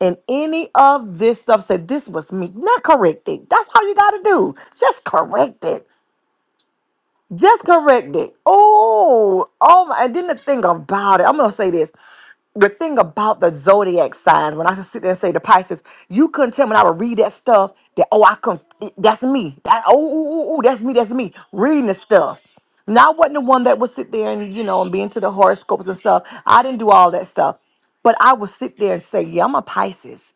in any of this stuff, said this was me, not correct it. That's all you got to do. Just correct it. Just correct it. Oh, oh my! And then the thing about it. I'm gonna say this the thing about the zodiac signs, when I should sit there and say the Pisces, you couldn't tell me when I would read that stuff that oh I can that's me that oh ooh, ooh, ooh, that's me that's me reading the stuff. Now I wasn't the one that would sit there and you know and be into the horoscopes and stuff. I didn't do all that stuff, but I would sit there and say yeah I'm a Pisces,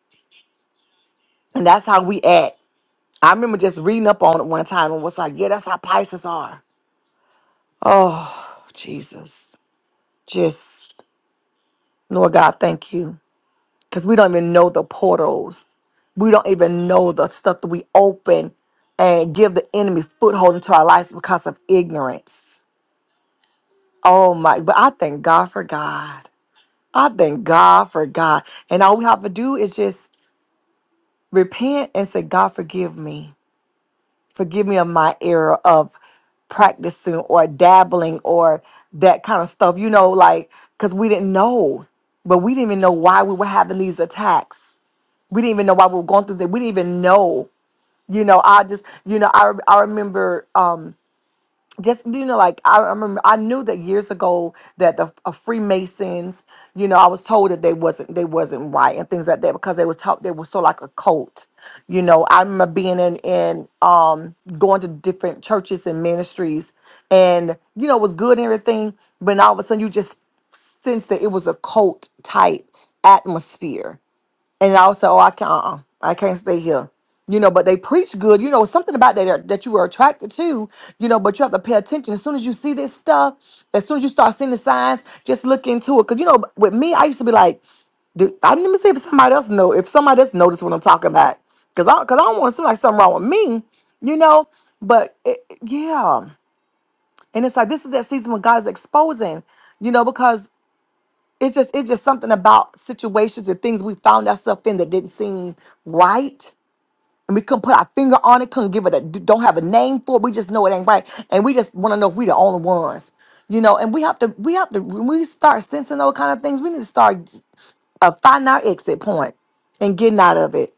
and that's how we act. I remember just reading up on it one time and was like yeah that's how Pisces are. Oh Jesus, just Lord God, thank you. because we don't even know the portals. We don't even know the stuff that we open and give the enemy foothold into our lives because of ignorance. Oh my, but I thank God for God. I thank God for God. And all we have to do is just repent and say, God, forgive me. Forgive me of my error of practicing or dabbling or that kind of stuff, you know, like, because we didn't know, but we didn't even know why we were having these attacks we didn't even know why we were going through that. We didn't even know. You know, I just, you know, I I remember um just you know like I remember I knew that years ago that the uh, Freemasons, you know, I was told that they wasn't they wasn't right and things like that because they was taught they were so like a cult. You know, I remember being in in um going to different churches and ministries and you know it was good and everything, but all of a sudden you just sense that it was a cult type atmosphere and also I can't, uh-uh, I can't stay here. You know, but they preach good. You know, something about that that you were attracted to. You know, but you have to pay attention. As soon as you see this stuff, as soon as you start seeing the signs, just look into it. Cause you know, with me, I used to be like, dude, I didn't even see if somebody else know if somebody else noticed what I'm talking about. Cause I, cause I don't want to seem like something wrong with me. You know, but it, it- yeah, and it's like this is that season when God is exposing. You know, because it's just it's just something about situations and things we found ourselves in that didn't seem right. And we couldn't put our finger on it, couldn't give it a don't have a name for it. We just know it ain't right. And we just want to know if we the only ones. You know, and we have to we have to when we start sensing those kind of things, we need to start uh, finding our exit point and getting out of it.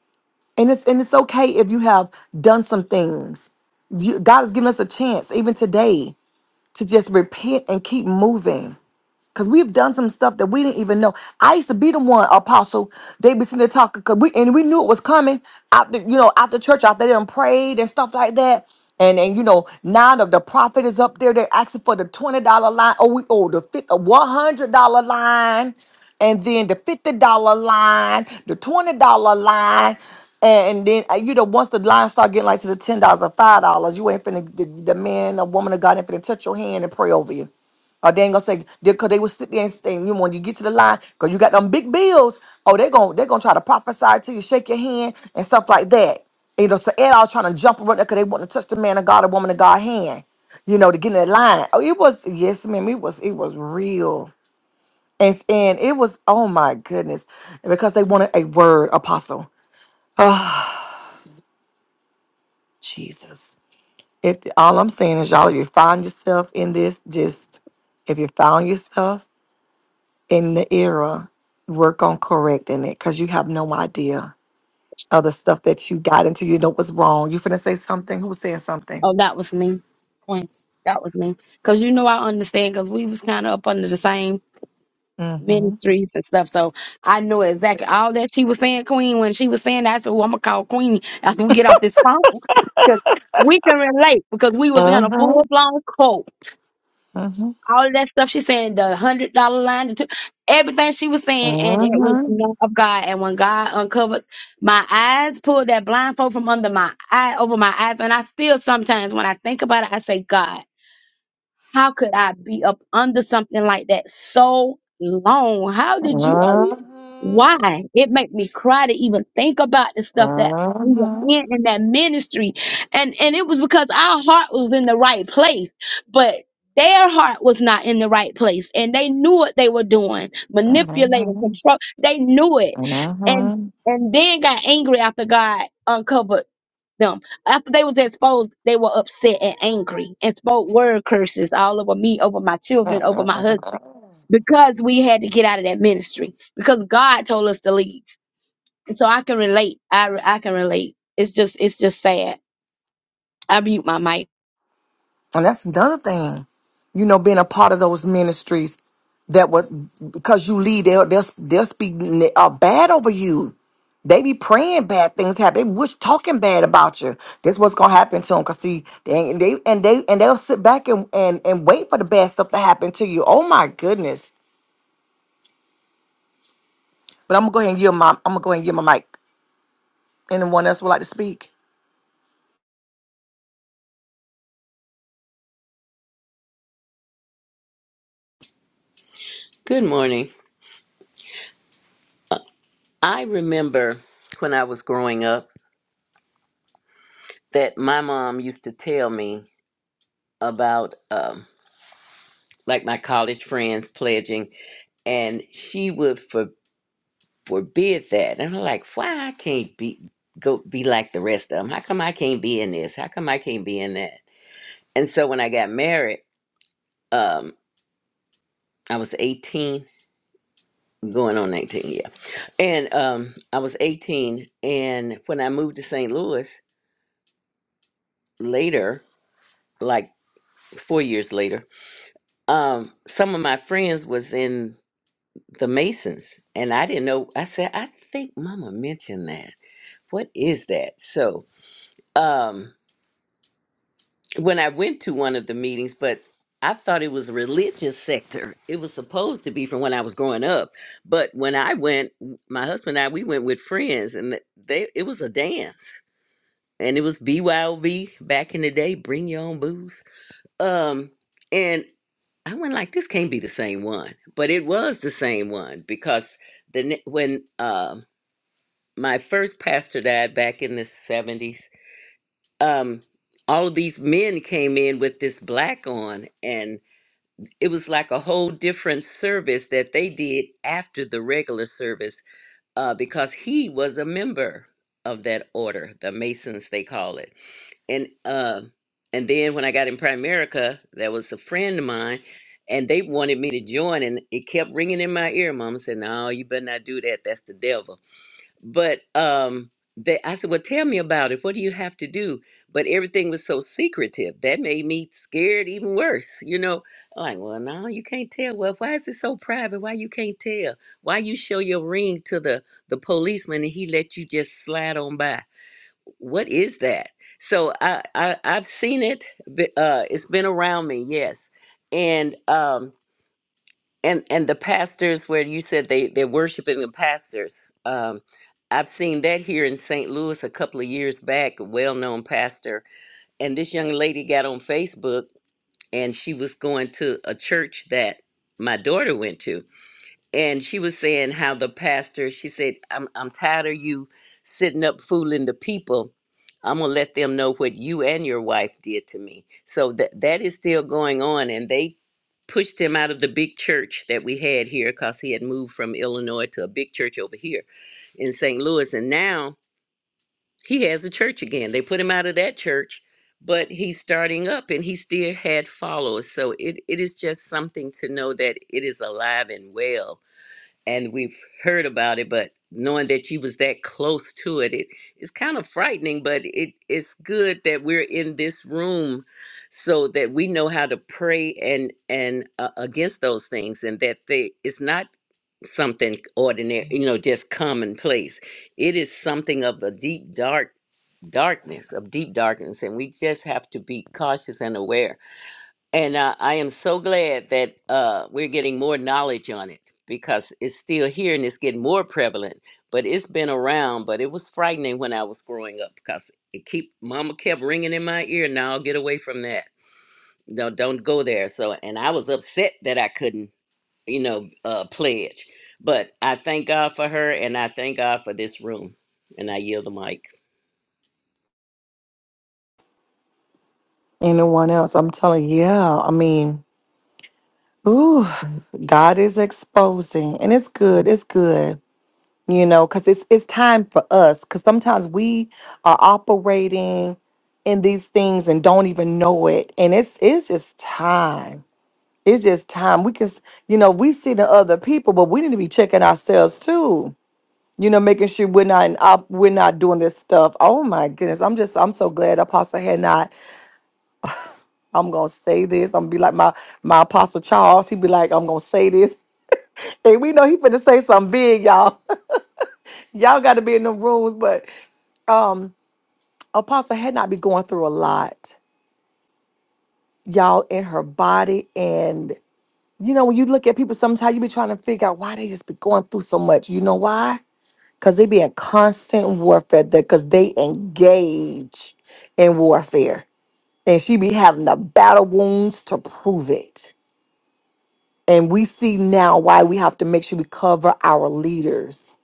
And it's and it's okay if you have done some things. You, God has given us a chance, even today, to just repent and keep moving Cause we've done some stuff that we didn't even know. I used to be the one apostle. They be sitting there talking, cause we and we knew it was coming after you know after church after they done prayed and stuff like that. And and you know now the, the prophet is up there. They're asking for the twenty dollar line. Oh we oh the fit one hundred dollar line, and then the fifty dollar line, the twenty dollar line. And then uh, you know, once the line start getting like to the ten dollars or five dollars, you ain't finna the, the man or woman of God ain't finna touch your hand and pray over you. Or they ain't gonna say because they will sit there and say, you know, when you get to the line, because you got them big bills. Oh, they're gonna they're gonna try to prophesy to you, shake your hand and stuff like that. You know, so they all trying to jump around there because they want to touch the man of God, the woman of God hand. You know, to get in that line. Oh, it was yes, ma'am. It was it was real, and and it was oh my goodness, because they wanted a word apostle Jesus. If all I'm saying is y'all, if you find yourself in this, just if you found yourself in the era, work on correcting it because you have no idea of the stuff that you got into. You know what's wrong. You finna say something. Who said something? Oh, that was me, Queen. That was me. Cause you know I understand. Cause we was kind of up under the same Mm-hmm. ministries and stuff. So I know exactly all that she was saying, Queen. When she was saying that, so I'm gonna call Queen after we get off this phone. Cause we can relate because we was in uh a Mhm. full blown cult Mm-hmm. all of that stuff she's saying, the hundred dollar line, the two, everything she was saying, and it was not of God. And when God uncovered my eyes, pulled that blindfold from under my eye over my eyes, and I still sometimes when I think about it, I say, God. How could I be up under something like that so long? How Mm-hmm. did you? al- Mm-hmm. Why? It made me cry to even think about the stuff that we were Uh-huh. in in that ministry, and and it was because our heart was in the right place, but their heart was not in the right place, and they knew what they were doing, manipulating, control. They knew it, Uh-huh. and and then got angry after God uncovered them. After they was exposed, they were upset and angry and spoke word curses all over me, over my children, over my husband, Uh-huh. because we had to get out of that ministry because God told us to leave. And so I can relate. I I can relate. It's just it's just sad. I mute my mic. And that's another thing, you know, being a part of those ministries that was because you lead, they'll they'll, they'll speak uh, bad over you. They be praying bad things happen. They wish talking bad about you. This what's gonna happen to them. Cause see, they, they and they and they'll sit back and, and and wait for the bad stuff to happen to you. Oh my goodness! But I'm gonna go ahead and give my I'm gonna go ahead and give my mic. Anyone else would like to speak? Good morning. I remember when I was growing up that my mom used to tell me about um, like my college friends pledging, and she would for, forbid that. And I'm like, why I can't be go be like the rest of them? How come I can't be in this? How come I can't be in that? And so when I got married, um, I was 18, going on 19, yeah. And um, I was 18, and when I moved to St. Louis later, like four years later um some of my friends was in the masons and i didn't know i said i think mama mentioned that what is that so um when i went to one of the meetings but i thought it was a religious sector it was supposed to be from when i was growing up but when i went my husband and i we went with friends and they it was a dance and it was byob back in the day bring your own booze um I went like, this can't be the same one, but it was the same one because the ne- when um my first pastor died back in the seventies, um, all of these men came in with this black on, and it was like a whole different service that they did after the regular service uh, because he was a member of that order, the Masons they call it and uh, and then when I got in Primerica, that was a friend of mine, and they wanted me to join, and it kept ringing in my ear. Mama said, "No, you better not do that. That's the devil." But um, they, I said, "Well, tell me about it. What do you have to do?" But everything was so secretive that made me scared even worse. You know, I'm like, well, no, you can't tell. Well, why is it so private? Why you can't tell? Why you show your ring to the the policeman and he let you just slide on by? what is that? So I, I I've seen it. but, Uh, it's been around me, yes, and um and and the pastors where you said they they're worshiping the pastors. Um, I've seen that here in St. Louis a couple of years back. A well-known pastor, and this young lady got on Facebook and she was going to a church that my daughter went to, and she was saying how the pastor she said i'm, I'm tired of you sitting up fooling the people i'm going to let them know what you and your wife did to me so that that is still going on and they pushed him out of the big church that we had here because he had moved from illinois to a big church over here in st louis and now he has a church again they put him out of that church but he's starting up and he still had followers so it, it is just something to know that it is alive and well and we've heard about it, but knowing that you was that close to it, it it's kind of frightening, but it it's good that we're in this room so that we know how to pray and and uh, against those things and that they it's not something ordinary, you know, just commonplace. It is something of a deep dark darkness, of deep darkness, and we just have to be cautious and aware and uh, I am so glad that uh, we're getting more knowledge on it because it's still here and it's getting more prevalent. But it's been around, but it was frightening when I was growing up because it keep mama kept ringing in my ear. Now get away from that. No, don't go there. So, and I was upset that I couldn't, you know, uh, pledge. But I thank God for her, and I thank God for this room. And I yield the mic. Anyone else? I'm telling you, yeah. I mean, ooh, God is exposing, and it's good. It's good you know because it's it's time for us because sometimes we are operating in these things and don't even know it and it's it's just time it's just time we can s- you know we see the other people but we need to be checking ourselves too you know making sure we're not in op- we're not doing this stuff oh my goodness i'm just i'm so glad apostle had not i'm gonna say this i'm gonna be like my my apostle charles he'd be like i'm gonna say this and we know he finna say something big y'all y'all gotta be in the rooms but um, Apostle had not been going through a lot, y'all, in her body. And, you know, when you look at people, sometimes you be trying to figure out why they just be going through so much. You know why? Because they be in constant warfare because they engage in warfare. And she be having the battle wounds to prove it. And we see now why we have to make sure we cover our leaders.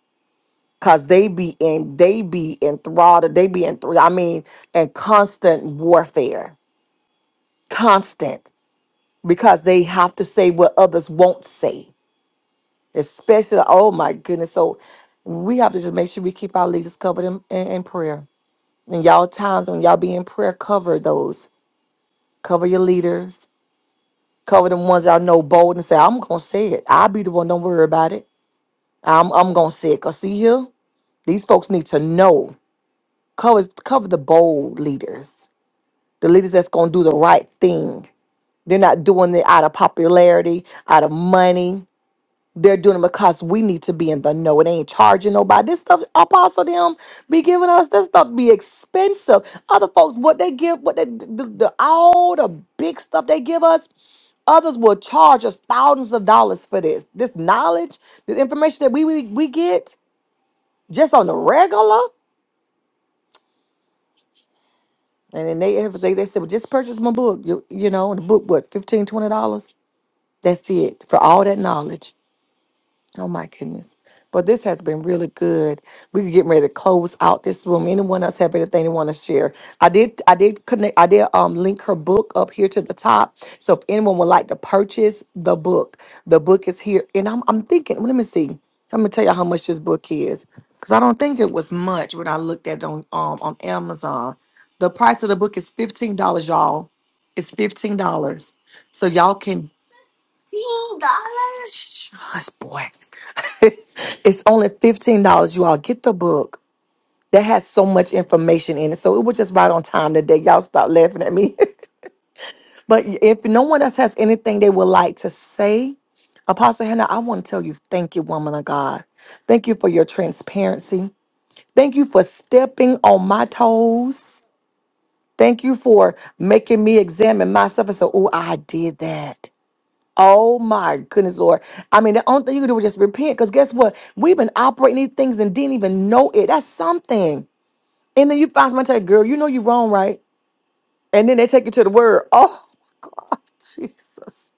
Cause they be in, they be enthralled, they be in, I mean, in constant warfare. Constant. because they have to say what others won't say. Especially, oh my goodness. So we have to just make sure we keep our leaders covered in, in, in prayer. And y'all times when y'all be in prayer, cover those. Cover your leaders. Cover the ones y'all know bold and say, I'm gonna say it. I'll be the one, don't worry about it. I'm I'm gonna say it. Cause see here, these folks need to know. Cover cover the bold leaders, the leaders that's gonna do the right thing. They're not doing it out of popularity, out of money They're doing it because we need to be in the know. It ain't charging nobody. This stuff apostle them be giving us this stuff be expensive. Other folks, what they give, what they the, the all the big stuff they give us, others will charge us thousands of dollars for this. This knowledge, the information that we we, we get just on the regular. And then they have they, they said, well, just purchase my book. You, you know, and the book what, fifteen twenty dollars? That's it for all that knowledge. Oh my goodness. But this has been really good. We are getting ready to close out this room. Anyone else have anything they want to share? I did I did connect I did um link her book up here to the top. So if anyone would like to purchase the book, the book is here. And I'm I'm thinking, well, let me see. Let me tell you how much this book is. Because I don't think it was much when I looked at it on um on Amazon. The price of the book is $15, y'all. It's $15. So y'all can Shush, boy. it's only $15. You all get the book. That has so much information in it. So it was just right on time today. Y'all stop laughing at me. but if no one else has anything they would like to say, Apostle Hannah, I want to tell you thank you, woman of God. Thank you for your transparency. Thank you for stepping on my toes. Thank you for making me examine myself and say, oh, I did that. Oh my goodness, Lord. I mean, the only thing you can do is just repent. Because guess what? We've been operating these things and didn't even know it. That's something. And then you find somebody tell you, girl, you know you're wrong, right? And then they take you to the word. Oh God, Jesus.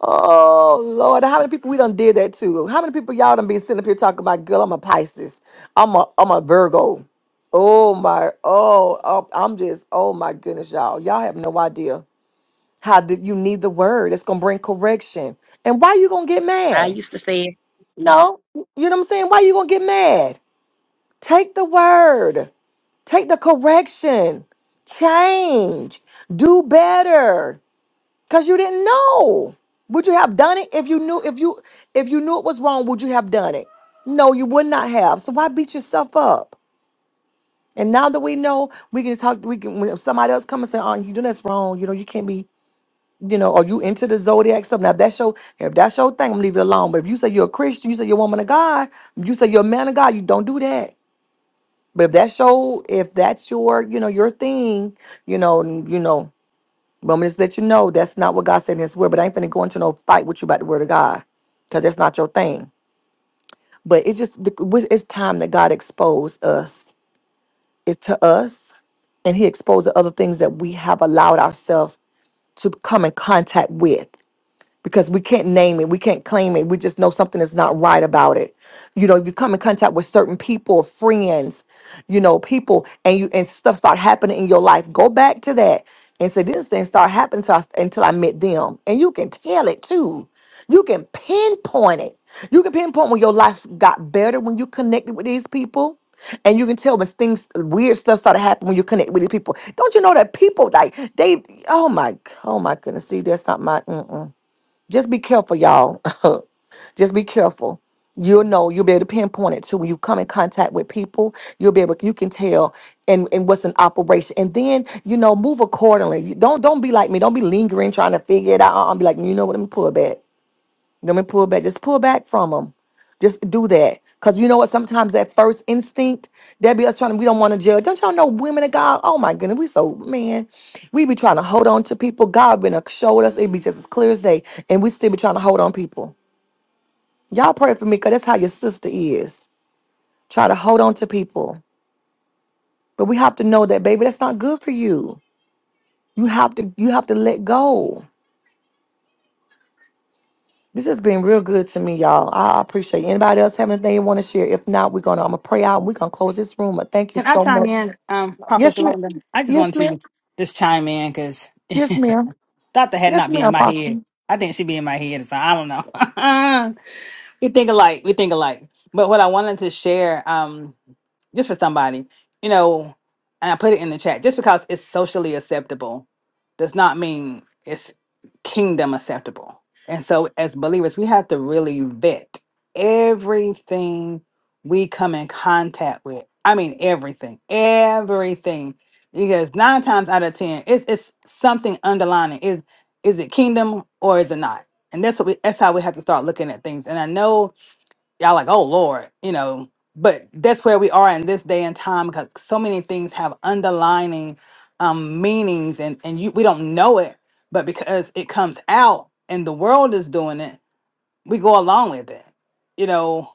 Oh Lord. How many people we done did that to? How many people y'all done been sitting up here talking about, girl, I'm a Pisces. I'm a I'm a Virgo. Oh my, oh, oh, I'm just, oh my goodness, y'all. Y'all have no idea. How did you need the word? It's gonna bring correction. And why you gonna get I mad? used to say it. No. You know what I'm saying? Why you gonna get mad? Take the word. Take the correction. Change. Do better. Cause you didn't know. Would you have done it if you knew if you if you knew it was wrong, would you have done it? No, you would not have. So why beat yourself up? And now that we know, we can talk. We can when somebody else come and say, "Oh, you doing this wrong. You know, you can't be. you know, are you into the zodiac stuff? Now, if that's your if that's your thing, I'm gonna leave it alone. But if you say you're a Christian, you say you're a woman of God, you say you're a man of God, you don't do that. But if that's your if that's your you know your thing, you know, n- you know, but I'm gonna just let you know that's not what God said in His word. But I ain't finna go into no fight with you about the word of God because that's not your thing. But it just the- w- it's time that God exposed us. It's to us, and He exposed the other things that we have allowed ourselves to come in contact with. because we can't name it, we can't claim it. We just know something is not right about it. You know, if you come in contact with certain people, friends, you know, people, and you and stuff start happening in your life, go back to that and say this thing start happening to us until I met them, and you can tell it too. You can pinpoint it. You can pinpoint when your life got better when you connected with these people. And you can tell when things weird stuff started happening when you connect with these people. Don't you know that people like they? Oh my, oh my goodness! See, that's not my. Mm-mm. Just be careful, y'all. Just be careful. You'll know. You'll be able to pinpoint it too. When you come in contact with people, you'll be able. You can tell and and what's an operation. And then you know, move accordingly. You- Don't don't be like me. Don't be lingering trying to figure it out. I'll be like, you know what? Let me pull back. Let me pull back. Just pull back from them. Just do that. Cause you know what? Sometimes that first instinct, that be us trying to, we don't want to judge. Don't y'all know women of God? Oh my goodness, we so man. We be trying to hold on to people. God been a- showed us it be just as clear as day. And we still be trying to hold on people. Y'all pray for me, cause that's how your sister is. Try to hold on to people. But we have to know that, baby, that's not good for you. You have to you have to let go. This has been real good to me, y'all. I I appreciate it. anybody else having anything you want to share. If not, we're gonna I'm gonna pray out and we're gonna close this room. But thank you Can I so chime much. in, um, Prophet Yes, ma'am. Shalonda? I just Yes, wanted ma'am. to just chime in because Yes, ma'am. thought the had Yes, not ma'am, been in my head. Apostle. I think she be in my head, so I don't know. we think alike. We think alike. But what I wanted to share, um, just for somebody, you know, and I put it in the chat. Just because it's socially acceptable does not mean it's kingdom acceptable. And so as believers, we have to really vet everything we come in contact with. I mean everything. Everything. Because nine times out of ten, it's it's something underlining. Is is it kingdom or is it not? And that's what we that's how we have to start looking at things. And I know y'all like, oh Lord, you know, but that's where we are in this day and time because so many things have underlining um meanings and and you we don't know it, but because it comes out and the world is doing it, we go along with it. You know,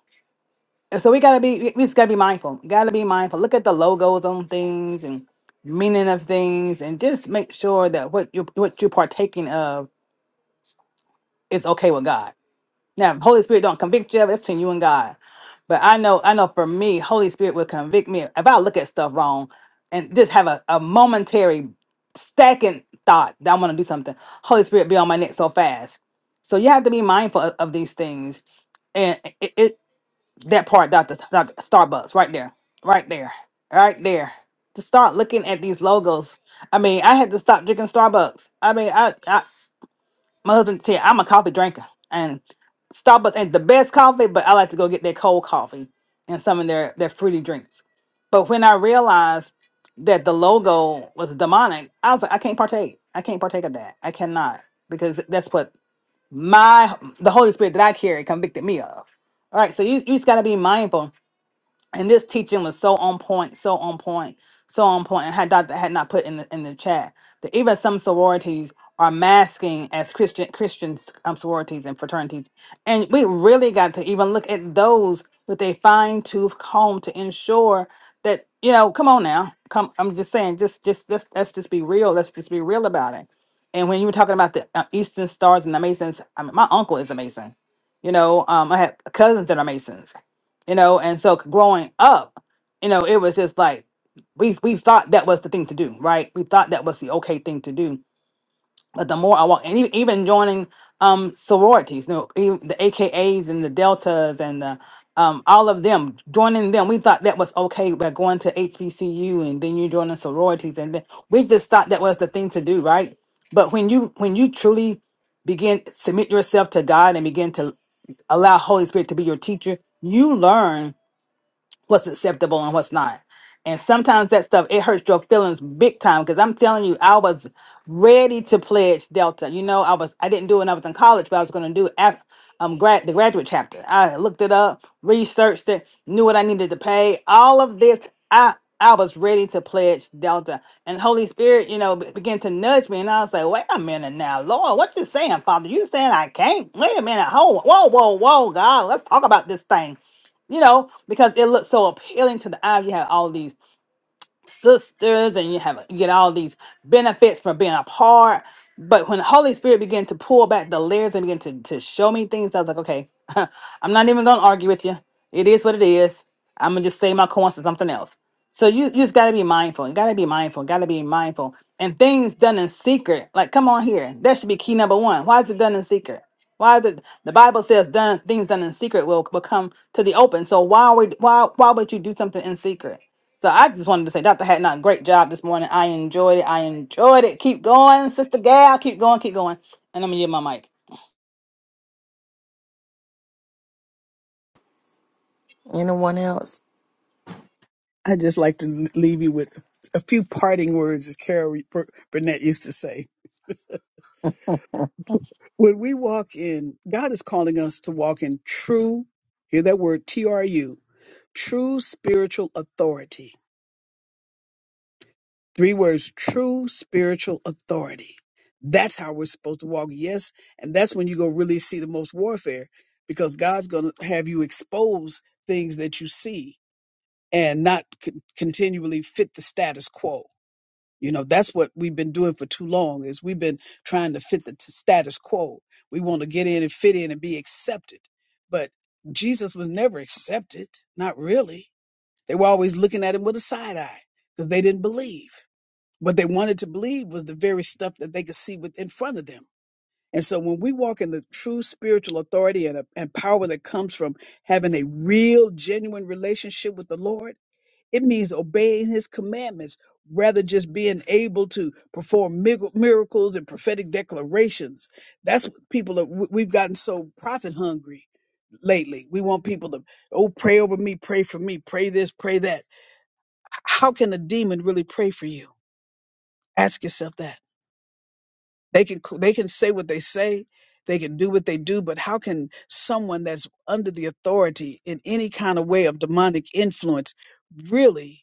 and so we gotta be we we just gotta be mindful. Gotta be mindful. Look at the logos on things and meaning of things and just make sure that what you what you're partaking of is okay with God now, Holy Spirit don't convict you. That's between you and God. But I know, I know for me, Holy Spirit will convict me if I look at stuff wrong and just have a, a momentary second thought that I'm going to do something. Holy Spirit be on my neck so fast. So you have to be mindful of, of these things. And it, it that part, Dr. Dr. Starbucks, right there, right there, right there. To start looking at these logos. I mean, I had to stop drinking Starbucks. I mean, I, I my husband said I'm a coffee drinker and Starbucks ain't the best coffee, but I like to go get their cold coffee and some of their their fruity drinks. But when I realized that the logo was demonic, I was like, I can't partake. I can't partake of that. I cannot because that's what my the Holy Spirit that I carry convicted me of. All right, so you you just got to be mindful and this teaching was so on point, so on point, so on point. And had Doctor had not put in the in the chat that even some sororities are masking as Christian Christian um, sororities and fraternities, and we really got to even look at those with a fine tooth comb to ensure that you know, come on now, come. I'm just saying, just just let's let's just be real. Let's just be real about it. And when you were talking about the uh, Eastern Stars and the Masons, I mean, my uncle is a Mason. You know, um, I had cousins that are Masons you know and so growing up you know it was just like we we thought that was the thing to do right we thought that was the okay thing to do but the more i walk and even, even joining um sororities you know even the akas and the deltas and the um all of them joining them we thought that was okay by going to hbcu and then you joining sororities and then we just thought that was the thing to do right but when you when you truly begin submit yourself to god and begin to allow holy spirit to be your teacher you learn what's acceptable and what's not. And sometimes that stuff it hurts your feelings big time because I'm telling you, I was ready to pledge Delta. You know, I was I didn't do it when I was in college, but I was going to do af- um grad the graduate chapter. I looked it up, researched it, knew what I needed to pay. All of this, I I was ready to pledge Delta, and Holy Spirit, you know, be- began to nudge me, and I was like, "Wait a minute now, Lord, what you saying, Father? You saying I can't? Wait a minute, hold, whoa, whoa, whoa, God, let's talk about this thing." you know, because it looked so appealing to the eye. You had all these sisters and you have you get all these benefits from being apart. But when the Holy Spirit began to pull back the layers and begin to, to show me things, I was like, okay, I'm not even gonna argue with you. It is what it is. I'm gonna just say my coins to something else. So you, you just gotta be mindful. You gotta be mindful. Gotta be mindful. And things done in secret, like come on here, that should be key number one. Why is it done in secret? Why is it the Bible says done things done in secret will, will come to the open? So why would why why would you do something in secret? So I just wanted to say, Dr. Hatnot, great job this morning. I enjoyed it. I enjoyed it. Keep going, Sister Gal. Keep going, keep going. And I'm going to give my mic. Anyone else? I'd just like to leave you with a few parting words, as Carol Bur- Burnett used to say. When we walk in, God is calling us to walk in true, hear that word, T R U, true spiritual authority. Three words, true spiritual authority. That's how we're supposed to walk. Yes. And that's when you go really see the most warfare because God's going to have you expose things that you see and not con- continually fit the status quo. You know, that's what we've been doing for too long is we've been trying to fit the t- status quo. We want to get in and fit in and be accepted. But Jesus was never accepted, not really. They were always looking at him with a side eye because they didn't believe. What they wanted to believe was the very stuff that they could see with in front of them. And so when we walk in the true spiritual authority and, and power that comes from having a real, genuine relationship with the Lord, it means obeying his commandments rather just being able to perform mig- miracles and prophetic declarations. That's what people are, we- we've gotten so profit hungry lately. We want people to, oh, pray over me, pray for me, pray this, pray that. H- How can a demon really pray for you? Ask yourself that. They can, c- they can say what they say. They can do what they do, but how can someone that's under the authority in any kind of way of demonic influence really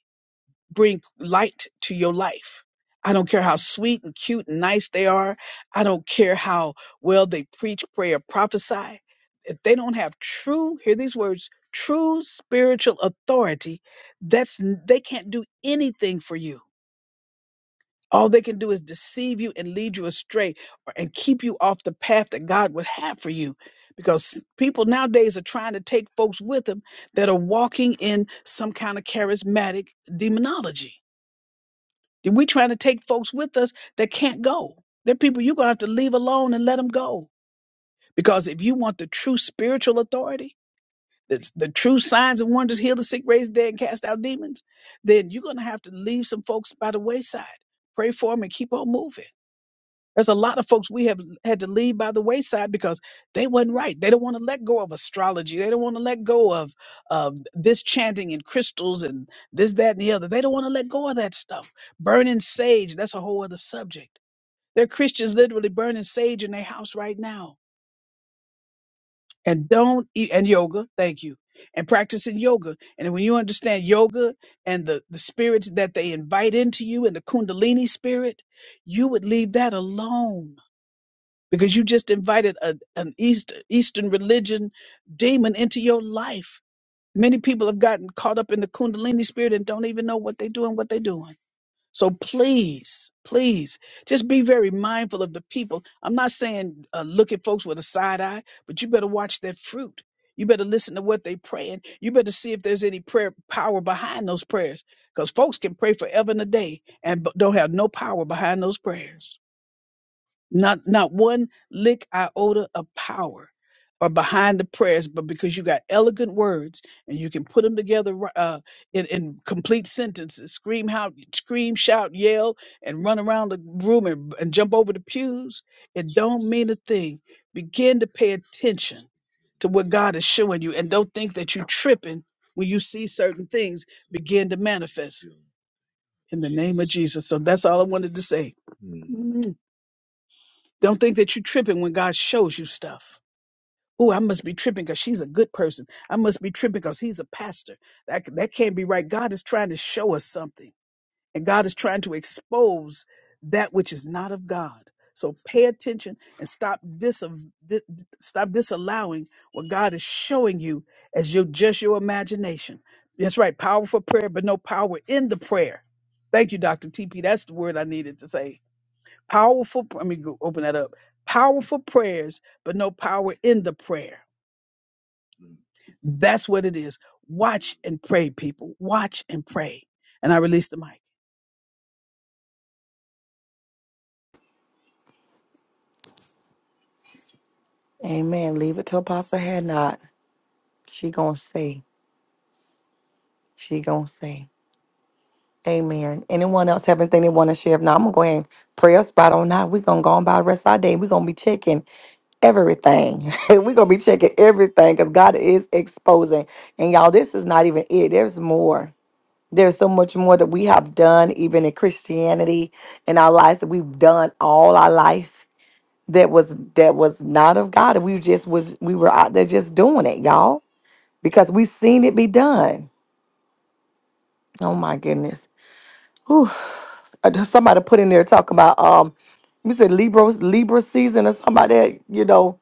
bring light to your life. I don't care how sweet and cute and nice they are. I don't care how well they preach, pray, or prophesy. If they don't have true, hear these words, true spiritual authority, that's they can't do anything for you. All they can do is deceive you and lead you astray or, and keep you off the path that God would have for you. Because people nowadays are trying to take folks with them that are walking in some kind of charismatic demonology we're trying to take folks with us that can't go. They're people you're going to have to leave alone and let them go. Because if you want the true spiritual authority, that's the true signs and wonders, heal the sick, raise the dead, and cast out demons, then you're going to have to leave some folks by the wayside. Pray for them and keep on moving. There's a lot of folks we have had to leave by the wayside because they wasn't right. They don't want to let go of astrology. They don't want to let go of of this chanting and crystals and this, that, and the other. They don't want to let go of that stuff. Burning sage, that's a whole other subject. There are Christians literally burning sage in their house right now. And don't eat, and yoga, thank you. And practicing yoga. And when you understand yoga and the, the spirits that they invite into you and the kundalini spirit, you would leave that alone because you just invited a, an East, Eastern religion demon into your life. Many people have gotten caught up in the Kundalini spirit and don't even know what they're doing, what they're doing. So please, please, just be very mindful of the people. I'm not saying uh, look at folks with a side eye, but you better watch their fruit. You better listen to what they're praying. You better see if there's any prayer power behind those prayers, because folks can pray forever and a day and b- don't have no power behind those prayers. Not not one lick iota of power or behind the prayers, but because you got elegant words and you can put them together ri- uh, in, in complete sentences. Scream, how, scream, shout, yell, and run around the room and, and jump over the pews. It don't mean a thing. Begin to pay attention to what God is showing you, and don't think that you're tripping when you see certain things begin to manifest in the name of Jesus. So that's all I wanted to say. Don't think that you're tripping when God shows you stuff. Oh, I must be tripping because she's a good person. I must be tripping because he's a pastor. That, that can't be right. God is trying to show us something, and God is trying to expose that which is not of God. So pay attention and stop disav- di- di- stop disallowing what God is showing you as your just your imagination. That's right, powerful prayer, but no power in the prayer. Thank you, Dr. TP. That's the word I needed to say. Powerful, let me go open that up. Powerful prayers, but no power in the prayer. That's what it is. Watch and pray, people. Watch and pray. And I release the mic. Amen. Leave it to Apostle Had not. She gonna say. She gonna say. Amen. Anyone else have anything they want to share? If not, I'm gonna go ahead and pray a spot on that. We're gonna go on by the rest of our day. We're gonna be checking everything. We're gonna be checking everything because God is exposing. And y'all, this is not even it. There's more. There's so much more that we have done, even in Christianity in our lives that we've done all our life that was that was not of God. And we just was we were out there just doing it, y'all. Because we seen it be done. Oh my goodness. Whew. I just- Somebody put in there talking about um, you said Libra Libra season or somebody that you know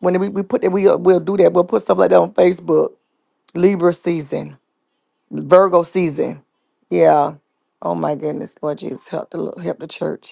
when we, we put that we uh, we'll do that we'll put stuff like that on Facebook. Libra season, Virgo season, yeah. Oh my goodness, Lord Jesus, help the Lord, help the church.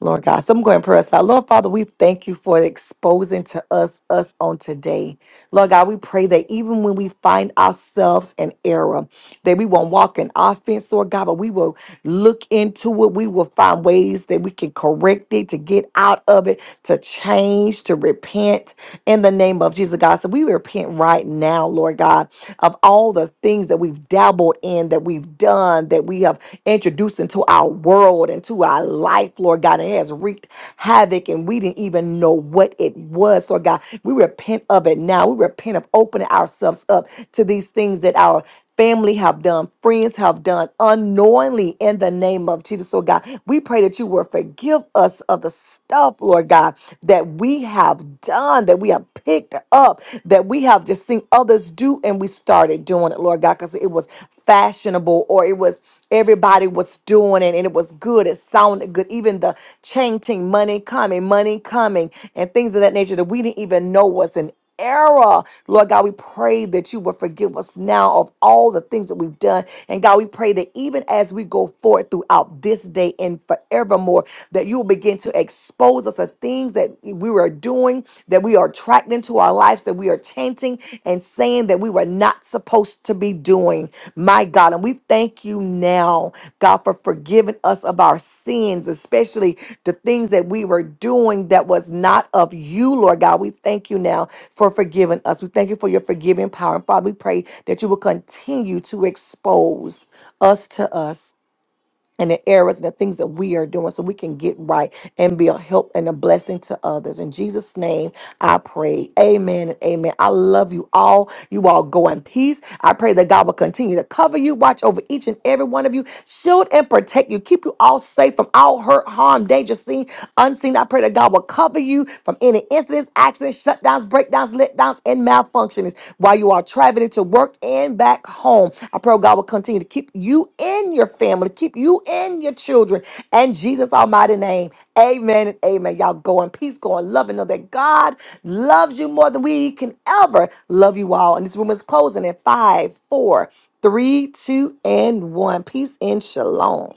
Lord God. So I'm going to pray us out. Lord Father, we thank you for exposing to us us on today. Lord God, we pray that even when we find ourselves in error, that we won't walk in offense, Lord God, but we will look into it. We will find ways that we can correct it, to get out of it, to change, to repent in the name of Jesus, God. So we repent right now, Lord God, of all the things that we've dabbled in, that we've done, that we have introduced into our world and to our life, Lord God. And It has wreaked havoc and we didn't even know what it was, Lord God. We repent of it now. We repent of opening ourselves up to these things that our family have done, friends have done unknowingly in the name of Jesus, So God. We pray that you will forgive us of the stuff, Lord God, that we have done, that we have picked up, that we have just seen others do and we started doing it, Lord God, because it was fashionable or it was Everybody was doing it and it was good. It sounded good. Even the chanting, money coming, money coming, and things of that nature that we didn't even know was an error. Lord God, we pray that you will forgive us now of all the things that we've done. And God, we pray that even as we go forward throughout this day and forevermore, that you will begin to expose us of things that we were doing, that we are attracting to our lives, that we are chanting and saying that we were not supposed to be doing. My God, and we thank you now, God, for forgiving us of our sins, especially the things that we were doing that was not of you, Lord God. We thank you now for forgiving us. We thank you for your forgiving power. And Father, we pray that you will continue to expose us to us and the errors and the things that we are doing so we can get right and be a help and a blessing to others. In Jesus' name, I pray. Amen and amen. I love you all. You all go in peace. I pray that God will continue to cover you, watch over each and every one of you, shield and protect you, keep you all safe from all hurt, harm, danger, sin, unseen. I pray that God will cover you from any incidents, accidents, shutdowns, breakdowns, letdowns, and malfunctionings while you are traveling to work and back home. I pray God will continue to keep you and your family, keep you and your children. And Jesus' almighty name, amen and amen. Y'all go in peace, go in love, and know that God loves you more than we can ever love you all. And this room is closing in five, four, three, two, and one. Peace and shalom.